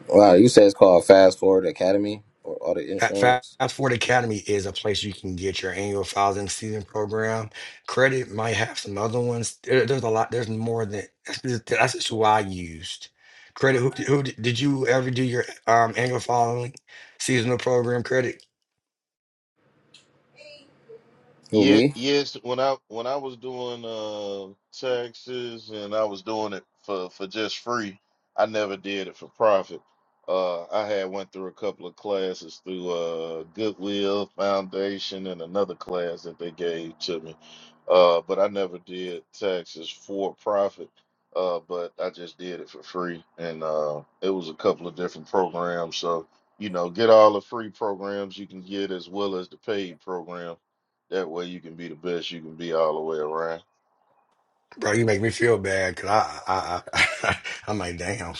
B: wow, you said it's called Fast Forward Academy or Audit
D: Fa-
B: Insurance.
D: Fast Forward Academy is a place you can get your annual files and season program. Credit might have some other ones. There- there's a lot. There's more than that's just, that's just who I used. Credit. Who, who d- did you ever do your um annual filing seasonal program? Credit,
B: Who
A: Yeah,
B: me?
A: yes. When I when I was doing uh, taxes and I was doing it for for just free, I never did it for profit. Uh, I had went through a couple of classes through uh, Goodwill Foundation and another class that they gave to me. Uh, but I never did taxes for profit. Uh, but I just did it for free, and uh, it was a couple of different programs. So you know, get all the free programs you can get as well as the paid program. That way, you can be the best you can be all the way around.
D: bro. You make me feel bad because I I, I I am like damn,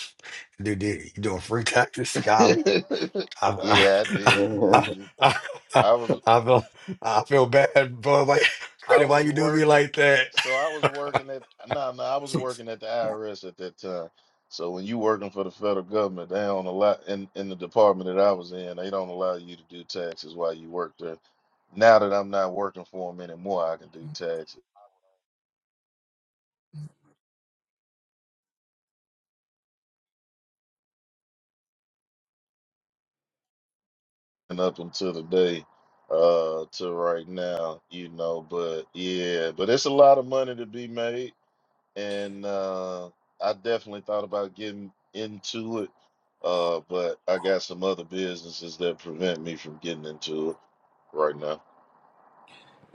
D: dude. dude you doing free taxes, golly. I
A: yeah, I
D: I
A: did. I
D: I,
A: did.
D: I, I,
A: I was
D: I feel I feel bad, bro. Like
A: I
D: credit, why
A: was
D: you do me
A: working,
D: like that?
A: so I was working at no, no, I was working at the IRS at that time. So when you working for the federal government, they don't allow in in the department that I was in, they don't allow you to do taxes while you work there. Now that I'm not working for them anymore, I can do taxes. And up until the day uh to right now, you know, but yeah, but it's a lot of money to be made. and uh, I definitely thought about getting into it, uh, but I got some other businesses that prevent me from getting into it right now.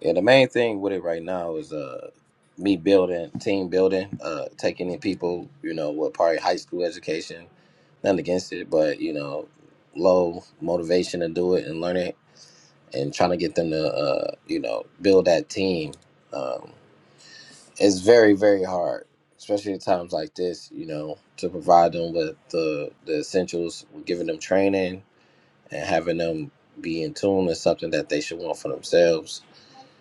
B: yeah, the main thing with it right now is uh me building team building, uh taking in people, you know, with probably high school education, nothing against it, but you know, low motivation to do it and learn it. and trying to get them to uh, you know build that team um, is very very hard especially at times like this you know to provide them with the the essentials giving them training and having them be in tune is something that they should want for themselves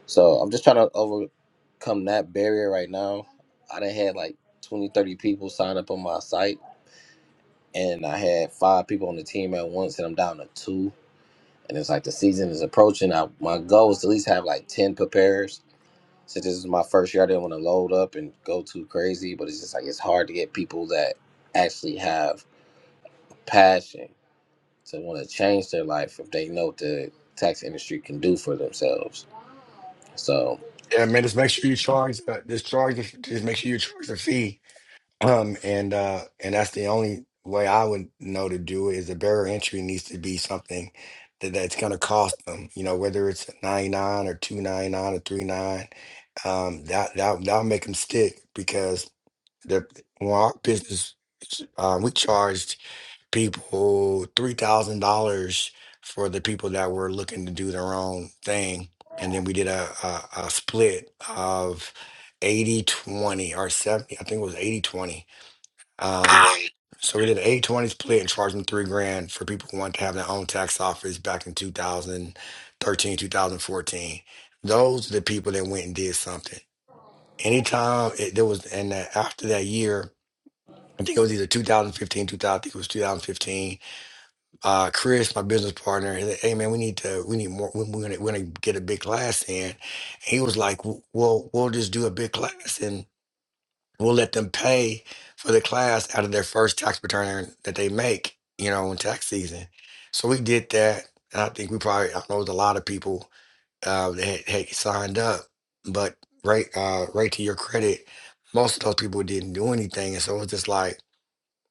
B: so i'm just trying to overcome that barrier right now i done had like 20 30 people sign up on my site and i had five people on the team at once and i'm down to two and it's like the season is approaching. I, my goal is to at least have like ten preparers. Since this is my first year, I didn't want to load up and go too crazy, but it's just like it's hard to get people that actually have passion to want to change their life if they know what the tax industry can do for themselves. So
D: Yeah, man, just make sure you charge. Uh, just charge. the- Just make sure you charge the fee. Um, and uh, and that's the only way I would know to do it is the barrier entry needs to be something that that's going to cost them. You know, whether it's ninety nine or two ninety nine or three nine, um, that that that'll make them stick because the when our business, um, we charge people $3,000 for the people that were looking to do their own thing. And then we did a, a, a split of 80 20 or 70, I think it was 80 20. Um, so we did an 80 20 split and charged them three grand for people who wanted to have their own tax office back in two thousand thirteen, two thousand fourteen. Those are the people that went and did something. Anytime it, there was, and uh, after that year, I think it was either 2015, 2000. I think it was 2015 uh, Chris, my business partner, he said, "Hey man, we need to, we need more. we- We're gonna, we're gonna get a big class in." And he was like, "W- "Well, we'll just do a big class, and we'll let them pay for the class out of their first tax return that they make, you know, in tax season." So we did that, and I think we probably, I know, it was a lot of people uh, that had, had signed up, but right, uh, right to your credit, most of those people didn't do anything, and so it was just like,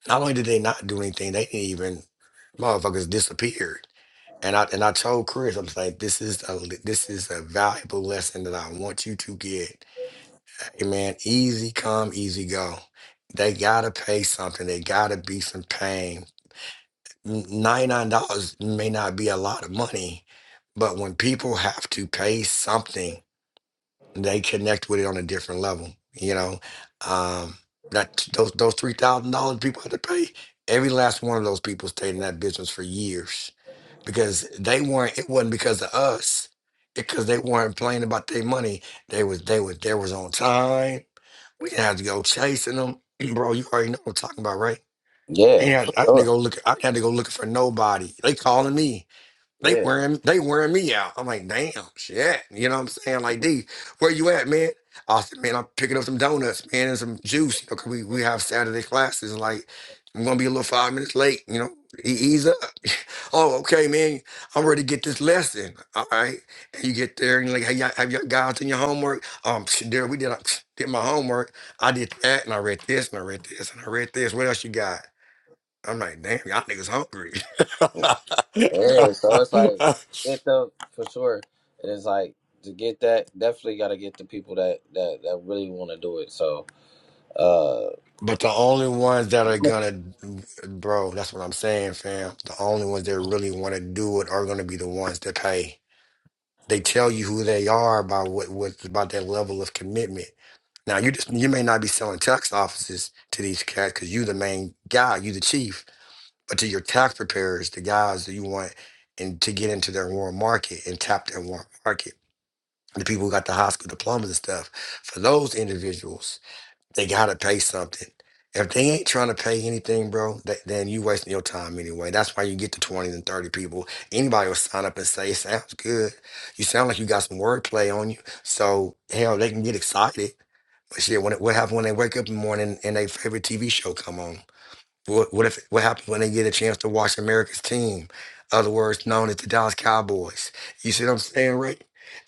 D: not only did they not do anything, they didn't even motherfuckers disappeared and I and I told Chris, I am like, this is a li- this is a valuable lesson that I want you to get. Hey man, Easy come, easy go. They gotta pay something. They gotta be some pain. Ninety nine dollars may not be a lot of money, but when people have to pay something, they connect with it on a different level. You know, um, that those those three thousand dollars people had to pay. Every last one of those people stayed in that business for years because they weren't it wasn't because of us It because they weren't playing about their money they was they was they was on time we didn't have to go chasing them bro you already know what i'm talking about right
B: yeah,
D: and
B: for
D: i, I had to
B: sure,
D: go look i had to go looking for nobody they calling me they
B: yeah,
D: wearing they wearing me out. I'm like, damn, shit. You know what I'm saying? Like, D, where you at, man? I said, man, I'm picking up some donuts, man, and some juice. You know, 'cause we we have Saturday classes. And like, I'm gonna be a little five minutes late. You know, E- ease up. oh, okay, man. I'm ready to get this lesson. All right. And you get there and you're like, hey, y'all, have you guys done your homework? Um, there we did. I did my homework. I did that, and I read this, and I read this, and I read this. What else you got? I'm like, damn, y'all niggas hungry.
B: yeah. So it's like get the for sure, and it's like to get that definitely got to get the people that that that really want to do it. So uh,
D: But the only ones that are gonna, bro, that's what I'm saying, fam. The only ones that really want to do it are gonna be the ones that pay. They tell you who they are by what, what about that level of commitment. Now you just you may not be selling tax offices to these cats because you the main guy, you the chief, but to your tax preparers, the guys that you want and to get into their warm market and tap their warm market, the people who got the high school diplomas and stuff. For those individuals, they gotta pay something. If they ain't trying to pay anything, bro, th- then you wasting your time anyway. That's why you get to 20 and 30 people. Anybody will sign up and say, it sounds good. You sound like you got some wordplay on you. So, hell, they can get excited. But shit, when it, what happens when they wake up in the morning and their favorite TV show come on? What, what if what happens when they get a chance to watch America's team? Other words known as the Dallas Cowboys. You see what I'm saying, Ray?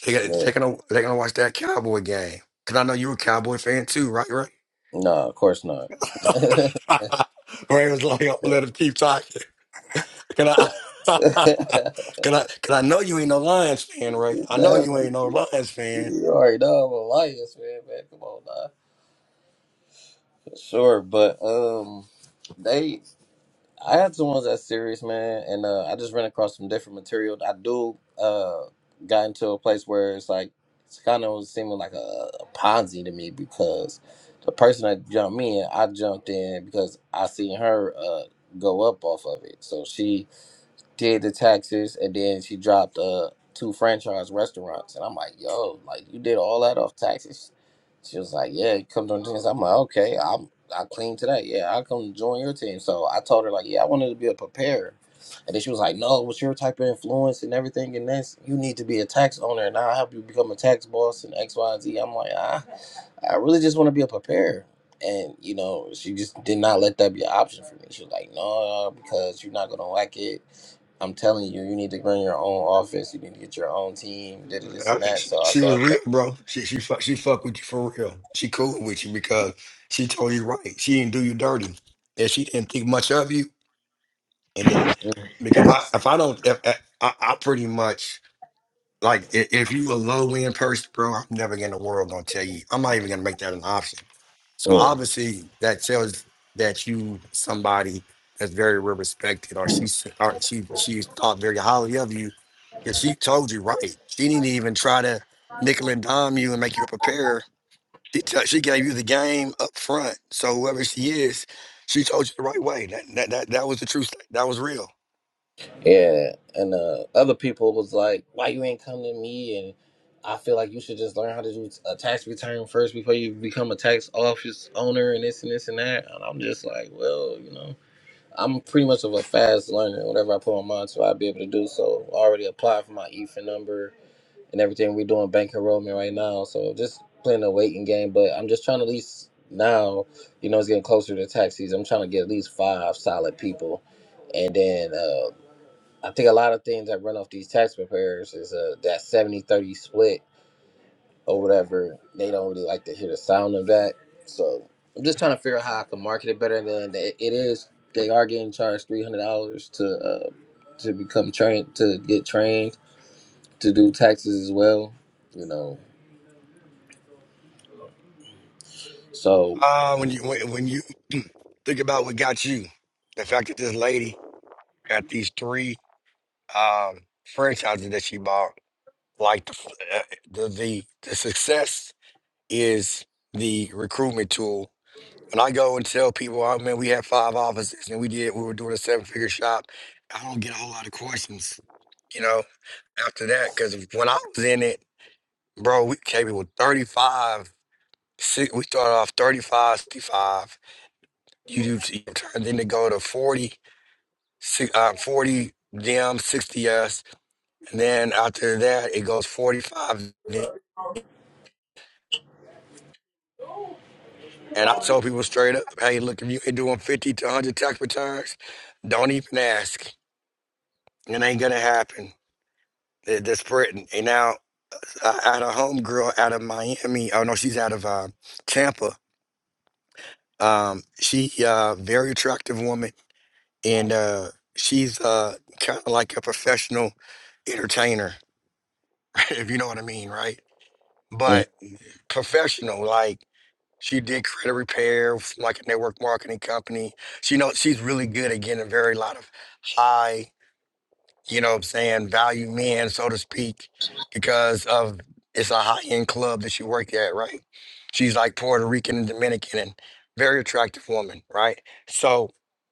D: They got,
B: yeah.
D: they're gonna they're gonna watch that Cowboy game. Cause I know you're a Cowboy fan too, right? Ray?
B: No, of course not. Never.
D: Ray was like, "Oh, let him keep talking. Can I? Can I? Can I know you ain't no Lions fan, Ray? I know you ain't no Lions fan.
B: You already know I'm a Elias, man, man. Come on now. Sure, but um they I had some ones that's serious, man, and uh I just ran across some different material. I do uh got into a place where it's like it's kind of seeming like a, a Ponzi to me because the person that jumped me in, I jumped in because I seen her uh go up off of it. So she did the taxes, and then she dropped uh two franchise restaurants. And I'm like, yo, like you did all that off taxes. She was like, yeah, come join the team. I'm like, okay, I'm I clean today. Yeah, I'll come join your team. So I told her like, yeah, I wanted to be a preparer. And then she was like, no, with your type of influence and everything and this, you need to be a tax owner and I'll help you become a tax boss and X, Y, and Z. I'm like, ah, I really just want to be a preparer. And, you know, she just did not let that be an option for me. She was like, no, because you're not going to like it I'm telling you, you need to run your own office. You need to get your own team. Did it, this
D: I-
B: and that.
D: she,
B: So I
D: she
B: said,
D: was
B: okay,
D: real, bro. She she fuck she fuck with you for real. She cool with you because she told you right. She didn't do you dirty, and she didn't think much of you. And then, because I, if I don't, if, I, I pretty much Like i- if you a low end person, bro, I'm never in the world gonna tell you. I'm not even gonna make that an option. So
B: Mm.
D: obviously that tells that you somebody that's very well respected, or she s- or she she thought very highly of you, because she told you right. She didn't even try to nickel and dime you and make you prepare. She tell she gave you the game up front. So whoever she is, she told you the right way. That that that, that was the truth. That was real.
B: yeah. And uh, other people was like, why you ain't come to me? And I feel like you should just learn how to do a tax return first before you become a tax office owner and this and this and that. And I'm just like, well, you know, I'm pretty much of a fast learner. Whatever I put my mind to, I'll be able to do. So I already applied for my EFA number. and everything we're doing bank enrollment right now. So just playing a waiting game, but I'm just trying to at least now, you know, it's getting closer to tax season. I'm trying to get at least five solid people, and then uh, I think a lot of things that run off these tax preparers is uh, that 70-30 split or whatever. They don't really like to hear the sound of that, so I'm just trying to figure out how I can market it better than it it is. They are getting charged three hundred dollars to uh, to become trained to get trained to do taxes as well you know. So,
D: Uh, when you when, when you think about what got you, the fact that this lady at these three um, franchises that she bought, like the, uh, the the the success is the recruitment tool. When I go and tell people, oh man, we had five offices and we did we were doing a seven figure shop, I don't get a whole lot of questions, you know, after that. Cause when I was in it, bro, we came in with 35, six, we started off 35, sixty-five. You do you turned into go to 40, six, uh, 40 them, 60 us And then after that, it goes 45. And I told people straight up, hey, look, if you ain't doing 50 to 100 tax returns, don't even ask. It ain't going to happen. They're they And now I I had a homegirl out of Miami. Oh, no, she's out of uh, Tampa. Um, she uh, very attractive woman. And uh, she's uh, kind of like a professional entertainer, if you know what I mean, right?
B: mm,
D: But professional, like She did credit repair from like a network marketing company. She know she's really good at getting a very lot of high, you know what I'm saying, value men, so to speak, because of it's a high end club that she worked at, right? She's like Puerto Rican and Dominican and very attractive woman, right? So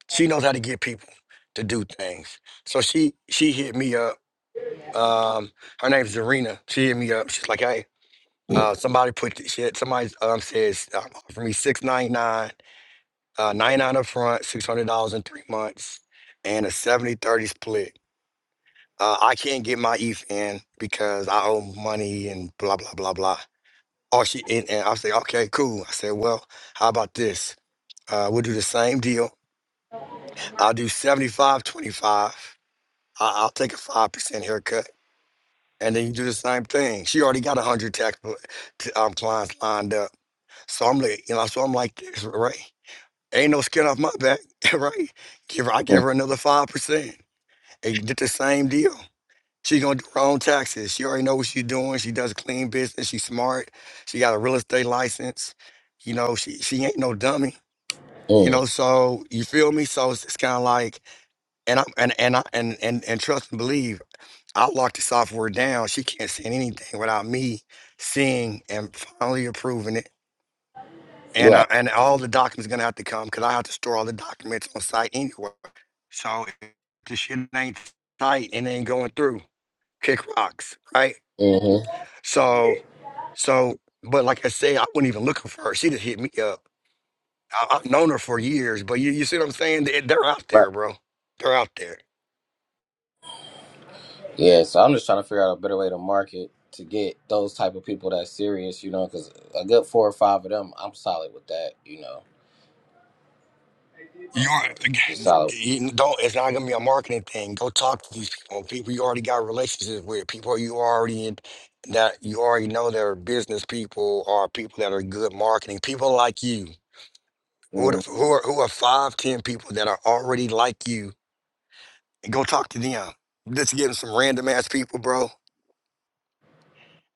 D: she knows how to get people to do things. So she she hit me up. Um, her name's Zarina. She hit me up. She's like, hey, uh, somebody put this shit. Somebody um says um, offer me six ninety nine uh, nine out of front, six hundred dollars in three months, and a seventy thirty split. Uh, I can't get my ETH in because I owe money and blah blah blah blah. Oh, she and, and I say, okay, cool. I said, well, how about this? Uh, we'll do the same deal. I'll do seventy I- I'll take a 5% haircut. And then you do the same thing. She already got 100 tax pl- t- um, clients lined up. So I'm like, you know, so I'm like this, right? Ain't no skin off my back, right? Give her, I give
B: mm,
D: her another 5%. and did the same deal. She gonna do her own taxes. She already know what she's doing. She does a clean business. She's smart. She got a real estate license. You know, she she ain't no dummy. You
B: mm.
D: know, so you feel me? So it's, it's kind of like, and I'm and and I and and and trust and believe. I locked the software down. She can't send anything without me seeing and finally approving it. And I,
B: right,
D: and all the documents gonna have to come because I have to store all the documents on site anyway. So if the shit ain't tight and ain't going through kick rocks, right?
B: mm-hmm.
D: So, so, but like I say, I wasn't even looking for her. She just hit me up. I, I've known her for years, but you, you see what I'm saying? They, they're out
B: right,
D: there, bro. They're out there.
B: yeah. So I'm just trying to figure out a better way to market to get those type of people that's serious, you know, because a good four or five of them, I'm solid with that, you know,
D: You aren't,
B: just solid.
D: you don't, it's not gonna be a marketing thing. Go talk to these people, people you already got relationships with, people you already in, that you already know that are business people or people that are good marketing, people like you. Who, are-
B: Mm,
D: who are who are five, ten people that are already like you and go talk to them. Just getting some random ass people, bro.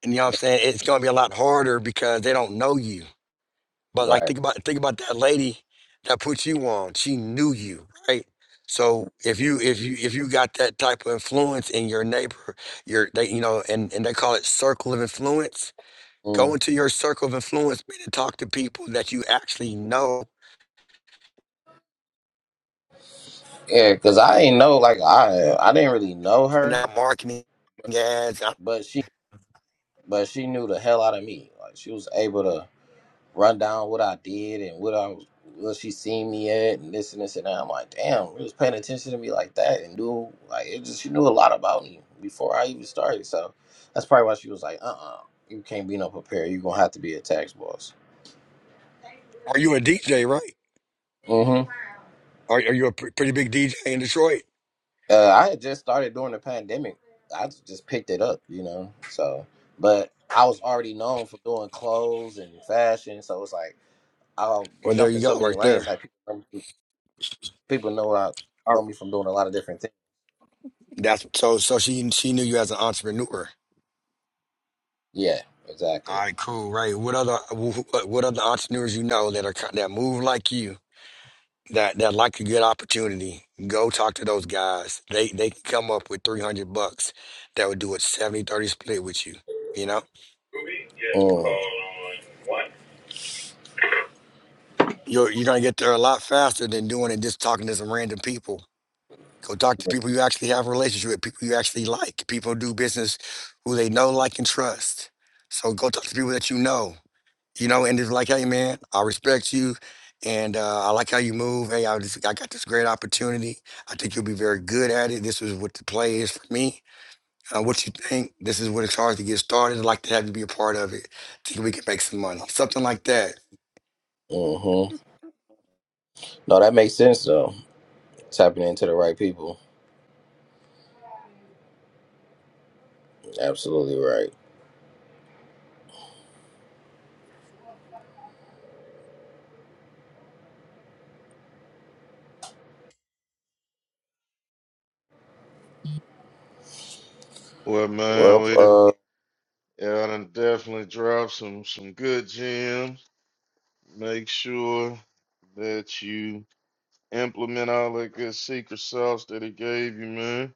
D: And you know what I'm saying? It's gonna be a lot harder because they don't know you. But like
B: right,
D: think about think about that lady that put you on. She knew you, right? So if you if you if you got that type of influence in your neighbor, your they you know, and, and they call it circle of influence. Go
B: mm.
D: into your circle of influence man, and talk to people that you actually know
B: yeah, because I ain't know, like I, I didn't really know
D: and
B: her,
D: not marketing ads. Are
B: but she, but she knew the hell out of me. Like she was able to. run down what I did and what I was, what she seen me at and this and this and that. I'm like, damn, it was paying attention to me like that and do like it just she knew a lot about me before I even started. So that's probably why she was like, uh uh you can't be no preparer. You're gonna have to be a tax boss.
D: you a DJ, right?
B: hmm
D: Are, are you a pr- pretty big DJ in Detroit?
B: Uh, I had just started during the pandemic. I just picked it up, you know. So, but I was already known for doing clothes and fashion, so it's like I'll
D: Well, there
B: jump
D: you
B: in so
D: go,
B: many
D: right there.
B: lanes. Like people, people know I
D: All
B: know
D: right.
B: me from doing a lot of different things.
D: That's so. So she she knew you as an entrepreneur.
B: Yeah,
D: All
B: exactly.
D: right, cool. Right. What other wh- what other entrepreneurs you know that are ki- that move like you that that like a good opportunity? Go talk to those guys. They they can come up with three hundred bucks that would do a seventy thirty split with you. You know,
B: Movie? Yeah. Mm. Called One.
D: you're you're gonna get there a lot faster than doing it just talking to some random people. Go talk to people you actually have a relationship with, people you actually like, people who do business who they know, like, and trust. So go talk to people that you know you know, and it's like, hey, man, I respect you, and uh, I like how you move. Hey, I just, I got this great opportunity. I think you'll be very good at it. This is what the play is for me. Uh, what you think? This is what it's hard to get started. I'd like to have you be a part of it. Think we can make some money, something like that.
B: Mm-hmm. No, that makes sense though. Tapping into the right people. Absolutely right.
A: Well, man,
B: Well,
A: we done,
B: uh,
A: yeah, I done definitely dropped some some good gems. Make sure that you implement all that good secret sauce that he gave you, man.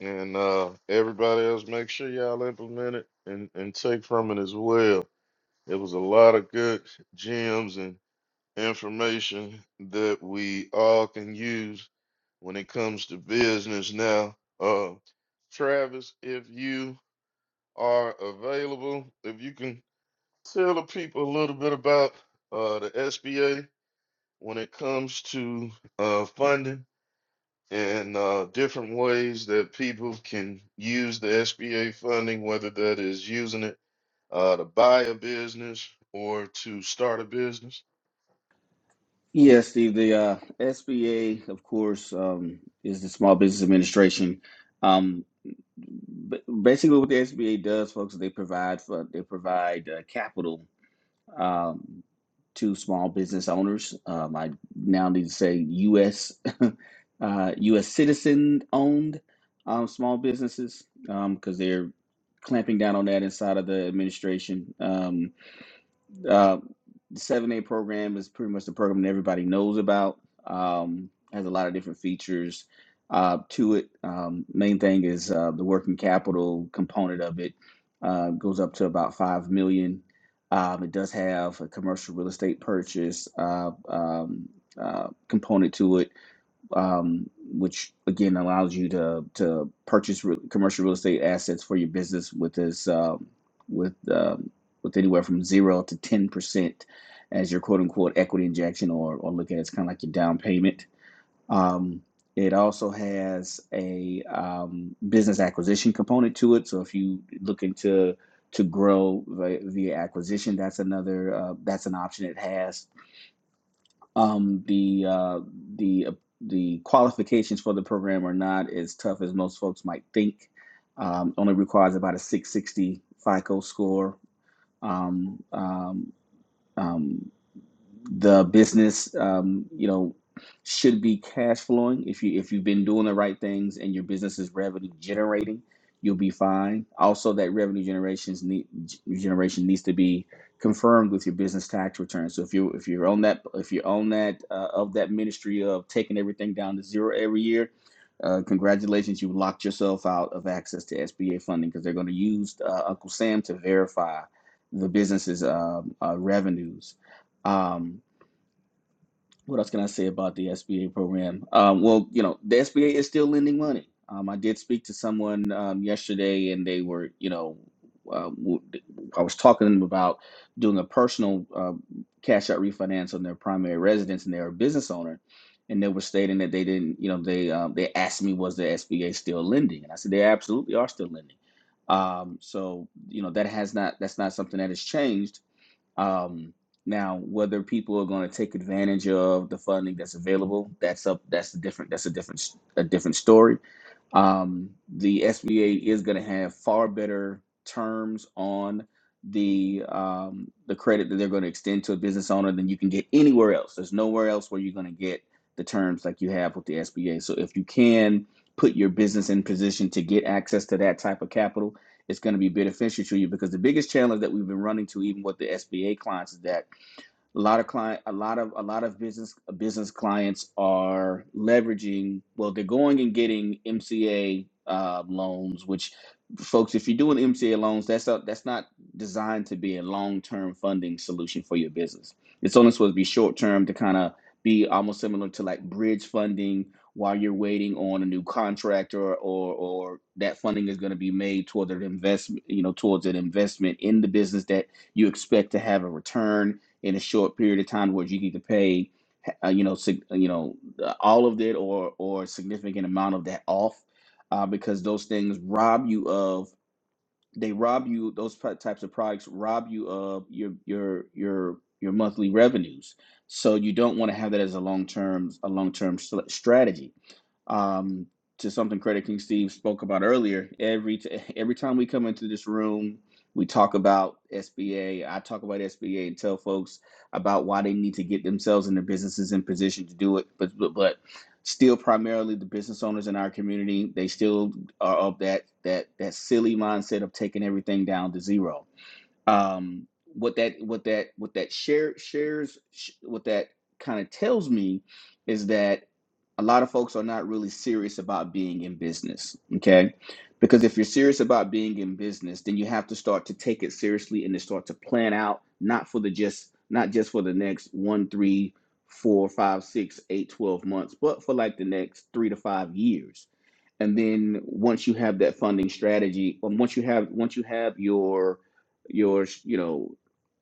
A: And uh, everybody else, make sure y'all implement it and, and take from it as well. It was a lot of good gems and. information that we all can use when it comes to business now. Uh, Travis, if you are available, if you can tell the people a little bit about uh, the SBA when it comes to uh, funding and uh, different ways that people can use the SBA funding, whether that is using it uh, to buy a business or to start a business.
C: Yes, Steve. The uh, SBA, of course, um, is the Small Business Administration. Um, b- basically, what the SBA does, folks, is they provide for they provide uh, capital um, to small business owners. Um, I now need to say U.S. uh, U.S. citizen owned um, small businesses because they're clamping down on that inside of the administration. Um, uh, the 7A program is pretty much the program that everybody knows about. Um, has a lot of different features uh, to it. Um, main thing is uh, the working capital component of it uh, goes up to about five million. dollars. Um, it does have a commercial real estate purchase uh, um, uh, component to it um, which again allows you to to purchase re- commercial real estate assets for your business with this uh, with um with anywhere from zero to ten percent as your quote unquote equity injection, or or look at it as kind of like your down payment. Um, it also has a um, business acquisition component to it. So if you looking to to grow vi- via acquisition, that's another uh, that's an option it has um, the uh, the uh, the qualifications for the program are not as tough as most folks might think. Um, only requires about a 660 FICO score. Um, um, um, the business um, you know should be cash flowing if you if you've been doing the right things and your business is revenue generating you'll be fine also that revenue generations need generation needs to be confirmed with your business tax return so if you if you're on that if you're on that uh, of that ministry of taking everything down to zero every year uh, congratulations you locked yourself out of access to sba funding because they're going to use uh, uncle sam to verify the business's um, uh, revenues Um, what else can I say about the SBA program? Um, well, you know, the SBA is still lending money. Um, I did speak to someone um, yesterday, and they were, you know, uh, w- I was talking to them about doing a personal uh, cash out refinance on their primary residence, and they're a business owner, and they were stating that they didn't, you know, they um, they asked me was the SBA still lending, and I said they absolutely are still lending. Um, so you know that has not that's not something that has changed um, now, whether people are going to take advantage of the funding that's available, that's up. That's a different. That's a different. A different story. Um, the SBA is going to have far better terms on the um, the credit that they're going to extend to a business owner than you can get anywhere else. There's nowhere else where you're going to get the terms like you have with the SBA. So if you can put your business in position to get access to that type of capital it's going to be beneficial to you because the biggest challenge that we've been running to, even with the SBA clients, is that a lot of client a lot of a lot of business business clients are leveraging well they're going and getting mca uh, loans which folks if you're doing mca loans that's a, that's not designed to be a long-term funding solution for your business it's only supposed to be short-term to kind of be almost similar to like bridge funding while you're waiting on a new contract or or, or that funding is going to be made toward an investment you know towards an investment in the business that you expect to have a return in a short period of time where you need to pay uh, you know sig- uh, you know uh, all of it or or a significant amount of that off uh, because those things rob you of they rob you those pro- types of products rob you of your your your your monthly revenues so you don't want to have that as a long term a long term strategy um, to something Credit King Steve spoke about earlier. Every t- every time we come into this room, we talk about SBA. I talk about SBA and tell folks about why they need to get themselves and their businesses in position to do it. But but, but still, primarily the business owners in our community, they still are of that that that silly mindset of taking everything down to zero um what that what that what that share shares sh- what that kind of tells me is that a lot of folks are not really serious about being in business okay because if you're serious about being in business then you have to start to take it seriously and then start to plan out not for the just not just for the next one three four five six eight twelve months but for like the next three to five years and then once you have that funding strategy and once you have once you have your your you know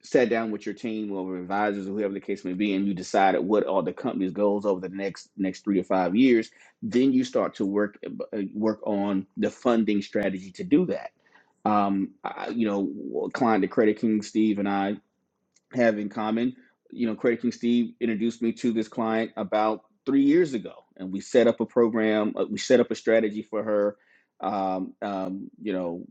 C: sat down with your team or advisors or whoever the case may be and you decided what are the company's goals over the next next three or five years then you start to work uh, work on the funding strategy to do that um I, you know client to credit king steve and i have in common. You know, Credit King Steve introduced me to this client about three years ago, and we set up a program. uh, We set up a strategy for her. Um, um, you know,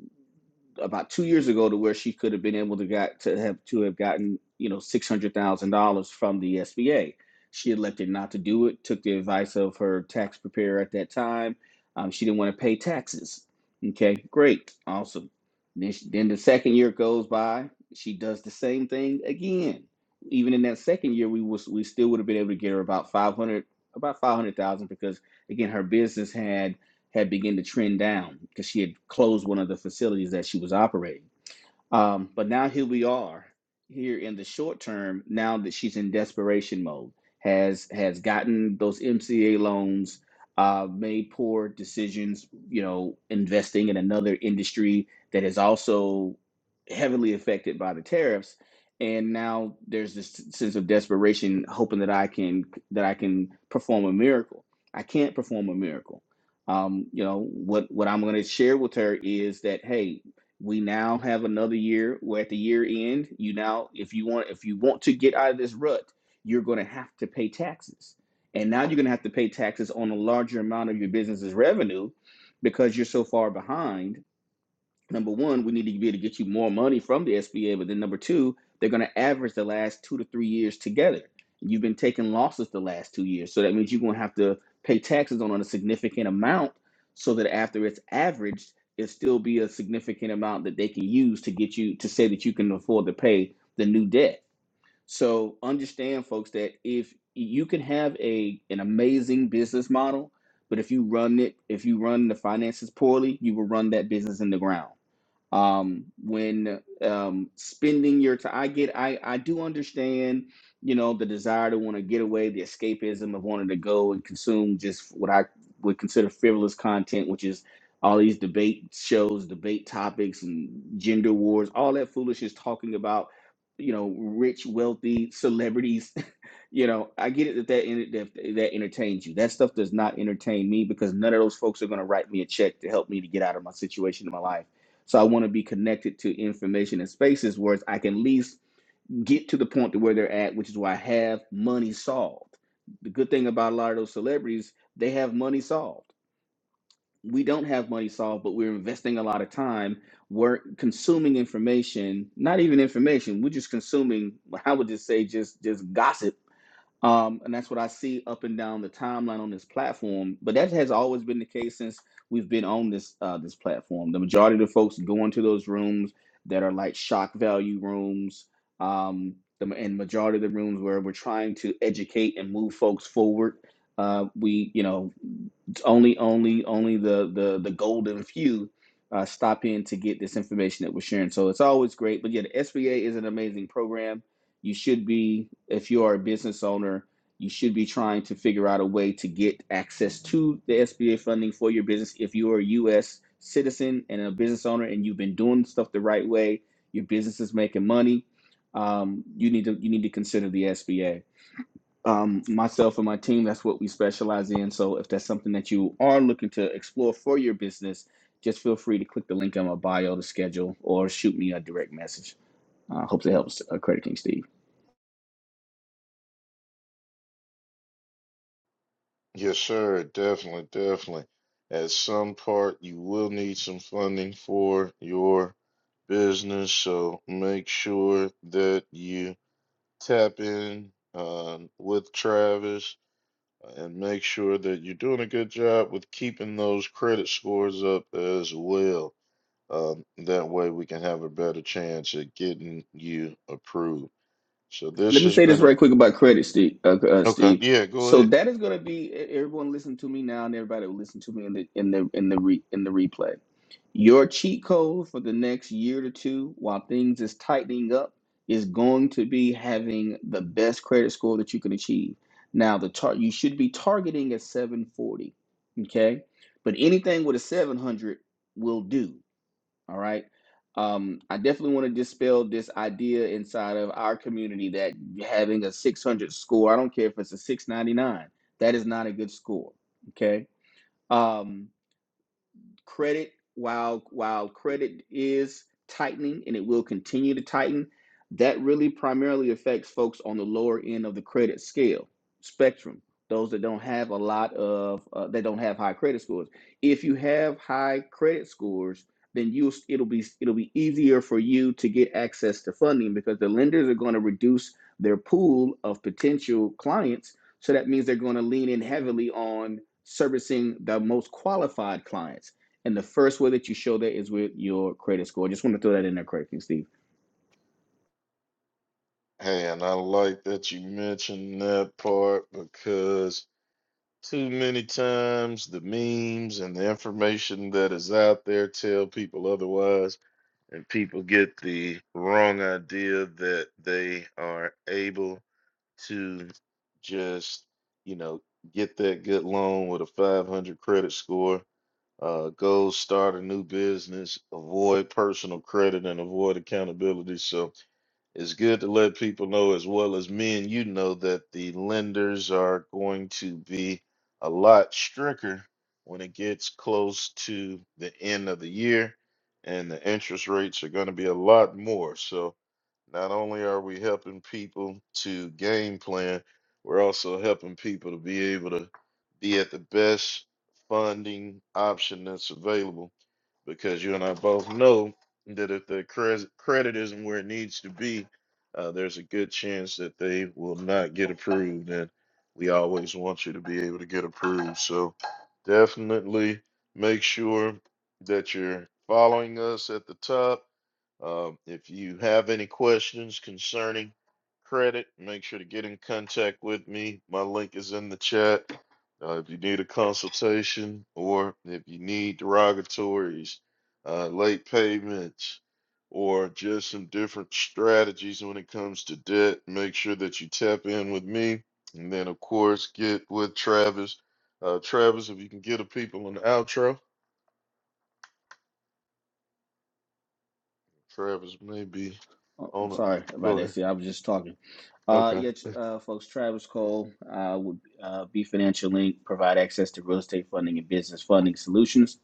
C: about two years ago to where she could have been able to got to have to have gotten you know six hundred thousand dollars from the SBA. She elected not to do it. Took the advice of her tax preparer at that time. Um, she didn't want to pay taxes. Okay, great, awesome. Then, she, then the second year goes by. She does the same thing again. Even in that second year, we was we still would have been able to get her about five hundred about five hundred thousand because again her business had had begun to trend down because she had closed one of the facilities that she was operating. Um, but now here we are, here in the short term, now that she's in desperation mode, has has gotten those MCA loans, uh, made poor decisions, you know, investing in another industry that is also heavily affected by the tariffs. And now there's this sense of desperation, hoping that I can that I can perform a miracle. I can't perform a miracle. Um, you know what? What I'm going to share with her is that hey, we now have another year we're at the year end you now if you want if you want to get out of this rut you're going to have to pay taxes and now you're going to have to pay taxes on a larger amount of your business's revenue because you're so far behind number one, we need to be able to get you more money from the SBA, but then number two, they're going to average the last two to three years together. You've been taking losses the last two years, so that means you're going to have to pay taxes on a significant amount, so that after it's averaged, it still be a significant amount that they can use to get you to say that you can afford to pay the new debt. So understand, folks, that if you can have a an amazing business model, but if you run it, if you run the finances poorly, you will run that business in the ground um when um spending your time i get i i do understand you know the desire to want to get away the escapism of wanting to go and consume just what i would consider frivolous content which is all these debate shows debate topics and gender wars all that foolishness talking about you know rich wealthy celebrities you know i get it that that, en- that that entertains you that stuff does not entertain me because none of those folks are going to write me a check to help me to get out of my situation in my life so I want to be connected to information and spaces where I can at least get to the point to where they're at, which is why I have money solved. The good thing about a lot of those celebrities, they have money solved. We don't have money solved, but we're investing a lot of time. We're consuming information, not even information. We're just consuming. I would just say just just gossip um, and that's what I see up and down the timeline on this platform. But that has always been the case since we've been on this uh, this platform. The majority of the folks go into those rooms that are like shock value rooms, um, the, and majority of the rooms where we're trying to educate and move folks forward. Uh, we, you know, only only only the the the golden few uh, stop in to get this information that we're sharing. So it's always great. But yeah, the SBA is an amazing program. You should be, if you are a business owner, you should be trying to figure out a way to get access to the SBA funding for your business. If you are a U.S. citizen and a business owner, and you've been doing stuff the right way, your business is making money. Um, you need to you need to consider the SBA um, myself and my team, that's what we specialize in. So if that's something that you are looking to explore for your business, just feel free to click the link on my bio to schedule or shoot me a direct message. I uh, hope that helps, uh, Credit King Steve.
A: Yes, sir. Definitely, definitely. At some part, you will need some funding for your business, so make sure that you tap in um, with Travis and make sure that you're doing a good job with keeping those credit scores up as well. Um, that way, we can have a better chance at getting you approved. So
C: Let
A: this
C: me
A: has
C: say this
A: been a
C: right quick about credit, Steve. Uh, uh,
A: okay.
C: Steve.
A: Yeah, go
C: So
A: ahead.
C: that is going to be e-, everyone. Listen to me now, and everybody will listen to me in the in the in the re, in the replay. Your cheat code for the next year to two, while things is tightening up, is going to be having the best credit score that you can achieve. Now, the tar- you should be targeting at 740, okay? But anything with a 700 will do, all right? Um, I definitely want to dispel this idea inside of our community that having a 600 score, I don't care if it's a 699, that is not a good score, okay? Um, credit while while credit is tightening and it will continue to tighten that really primarily affects folks on the lower end of the credit scale spectrum those that don't have a lot of uh, that don't have high credit scores if you have high credit scores then you it'll be it'll be easier for you to get access to funding because the lenders are going to reduce their pool of potential clients so that means they're going to lean in heavily on servicing the most qualified clients and the first way that you show that is with your credit score. Just want to throw that in there quickly, Steve.
A: Hey, and I like that you mentioned that part because too many times the memes and the information that is out there tell people otherwise, and people get the wrong idea that they are able to just, you know, get that good loan with a 500 credit score, uh, go start a new business, avoid personal credit, and avoid accountability. So, it's good to let people know, as well as me and you know, that the lenders are going to be a lot stricter when it gets close to the end of the year, and the interest rates are going to be a lot more. So, not only are we helping people to game plan, we're also helping people to be able to be at the best funding option that's available because you and I both know that if the cres- credit isn't where it needs to be, uh, there's a good chance that they will not get approved. And we always want you to be able to get approved. So definitely make sure that you're following us at the top um, if you have any questions concerning credit, make sure to get in contact with me. My link is in the chat. Uh, if you need a consultation or if you need derogatories, uh, late payments, or just some different strategies when it comes to debt, make sure that you tap in with me. And then, of course, get with Travis. Uh, Travis, if you can get the people on the outro, Travis may be
C: Oh, I'm
A: on.
C: sorry
A: A,
C: about
A: go
C: that,
A: ahead.
C: Steve. I was just talking. Uh,
A: Okay.
C: yeah, uh, folks, Travis Cole uh, would uh, be Financial Link, provide access to real estate funding and business funding solutions.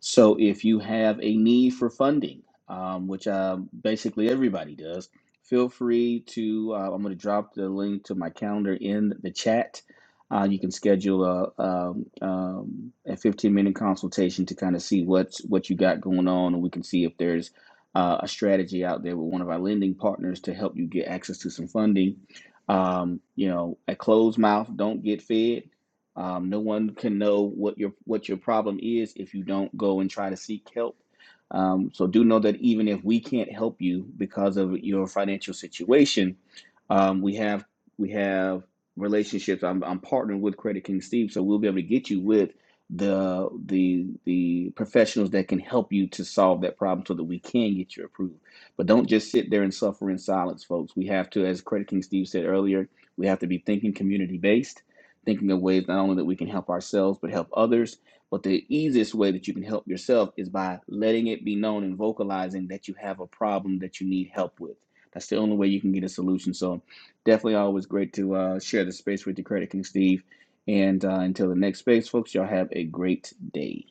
C: So if you have a need for funding, um, which um, basically everybody does, feel free to. Uh, I'm going to drop the link to my calendar in the chat. Uh, you can schedule a, um, um, a 15 minute consultation to kind of see what's what you got going on, and we can see if there's uh, a strategy out there with one of our lending partners to help you get access to some funding. Um, you know, a closed mouth don't get fed. Um, no one can know what your what your problem is if you don't go and try to seek help. Um, so do know that even if we can't help you because of your financial situation, um, we have we have relationships. I'm, I'm partnered with Credit King Steve, so we'll be able to get you with the the the professionals that can help you to solve that problem so that we can get you approved. But don't just sit there and suffer in silence, folks. We have to, as Credit King Steve said earlier, we have to be thinking community based thinking of ways not only that we can help ourselves, but help others. But the easiest way that you can help yourself is by letting it be known and vocalizing that you have a problem that you need help with. That's the only way you can get a solution. So, definitely always great to uh, share the space with you, Credit King Steve. And uh, until the next space, folks, y'all have a great day.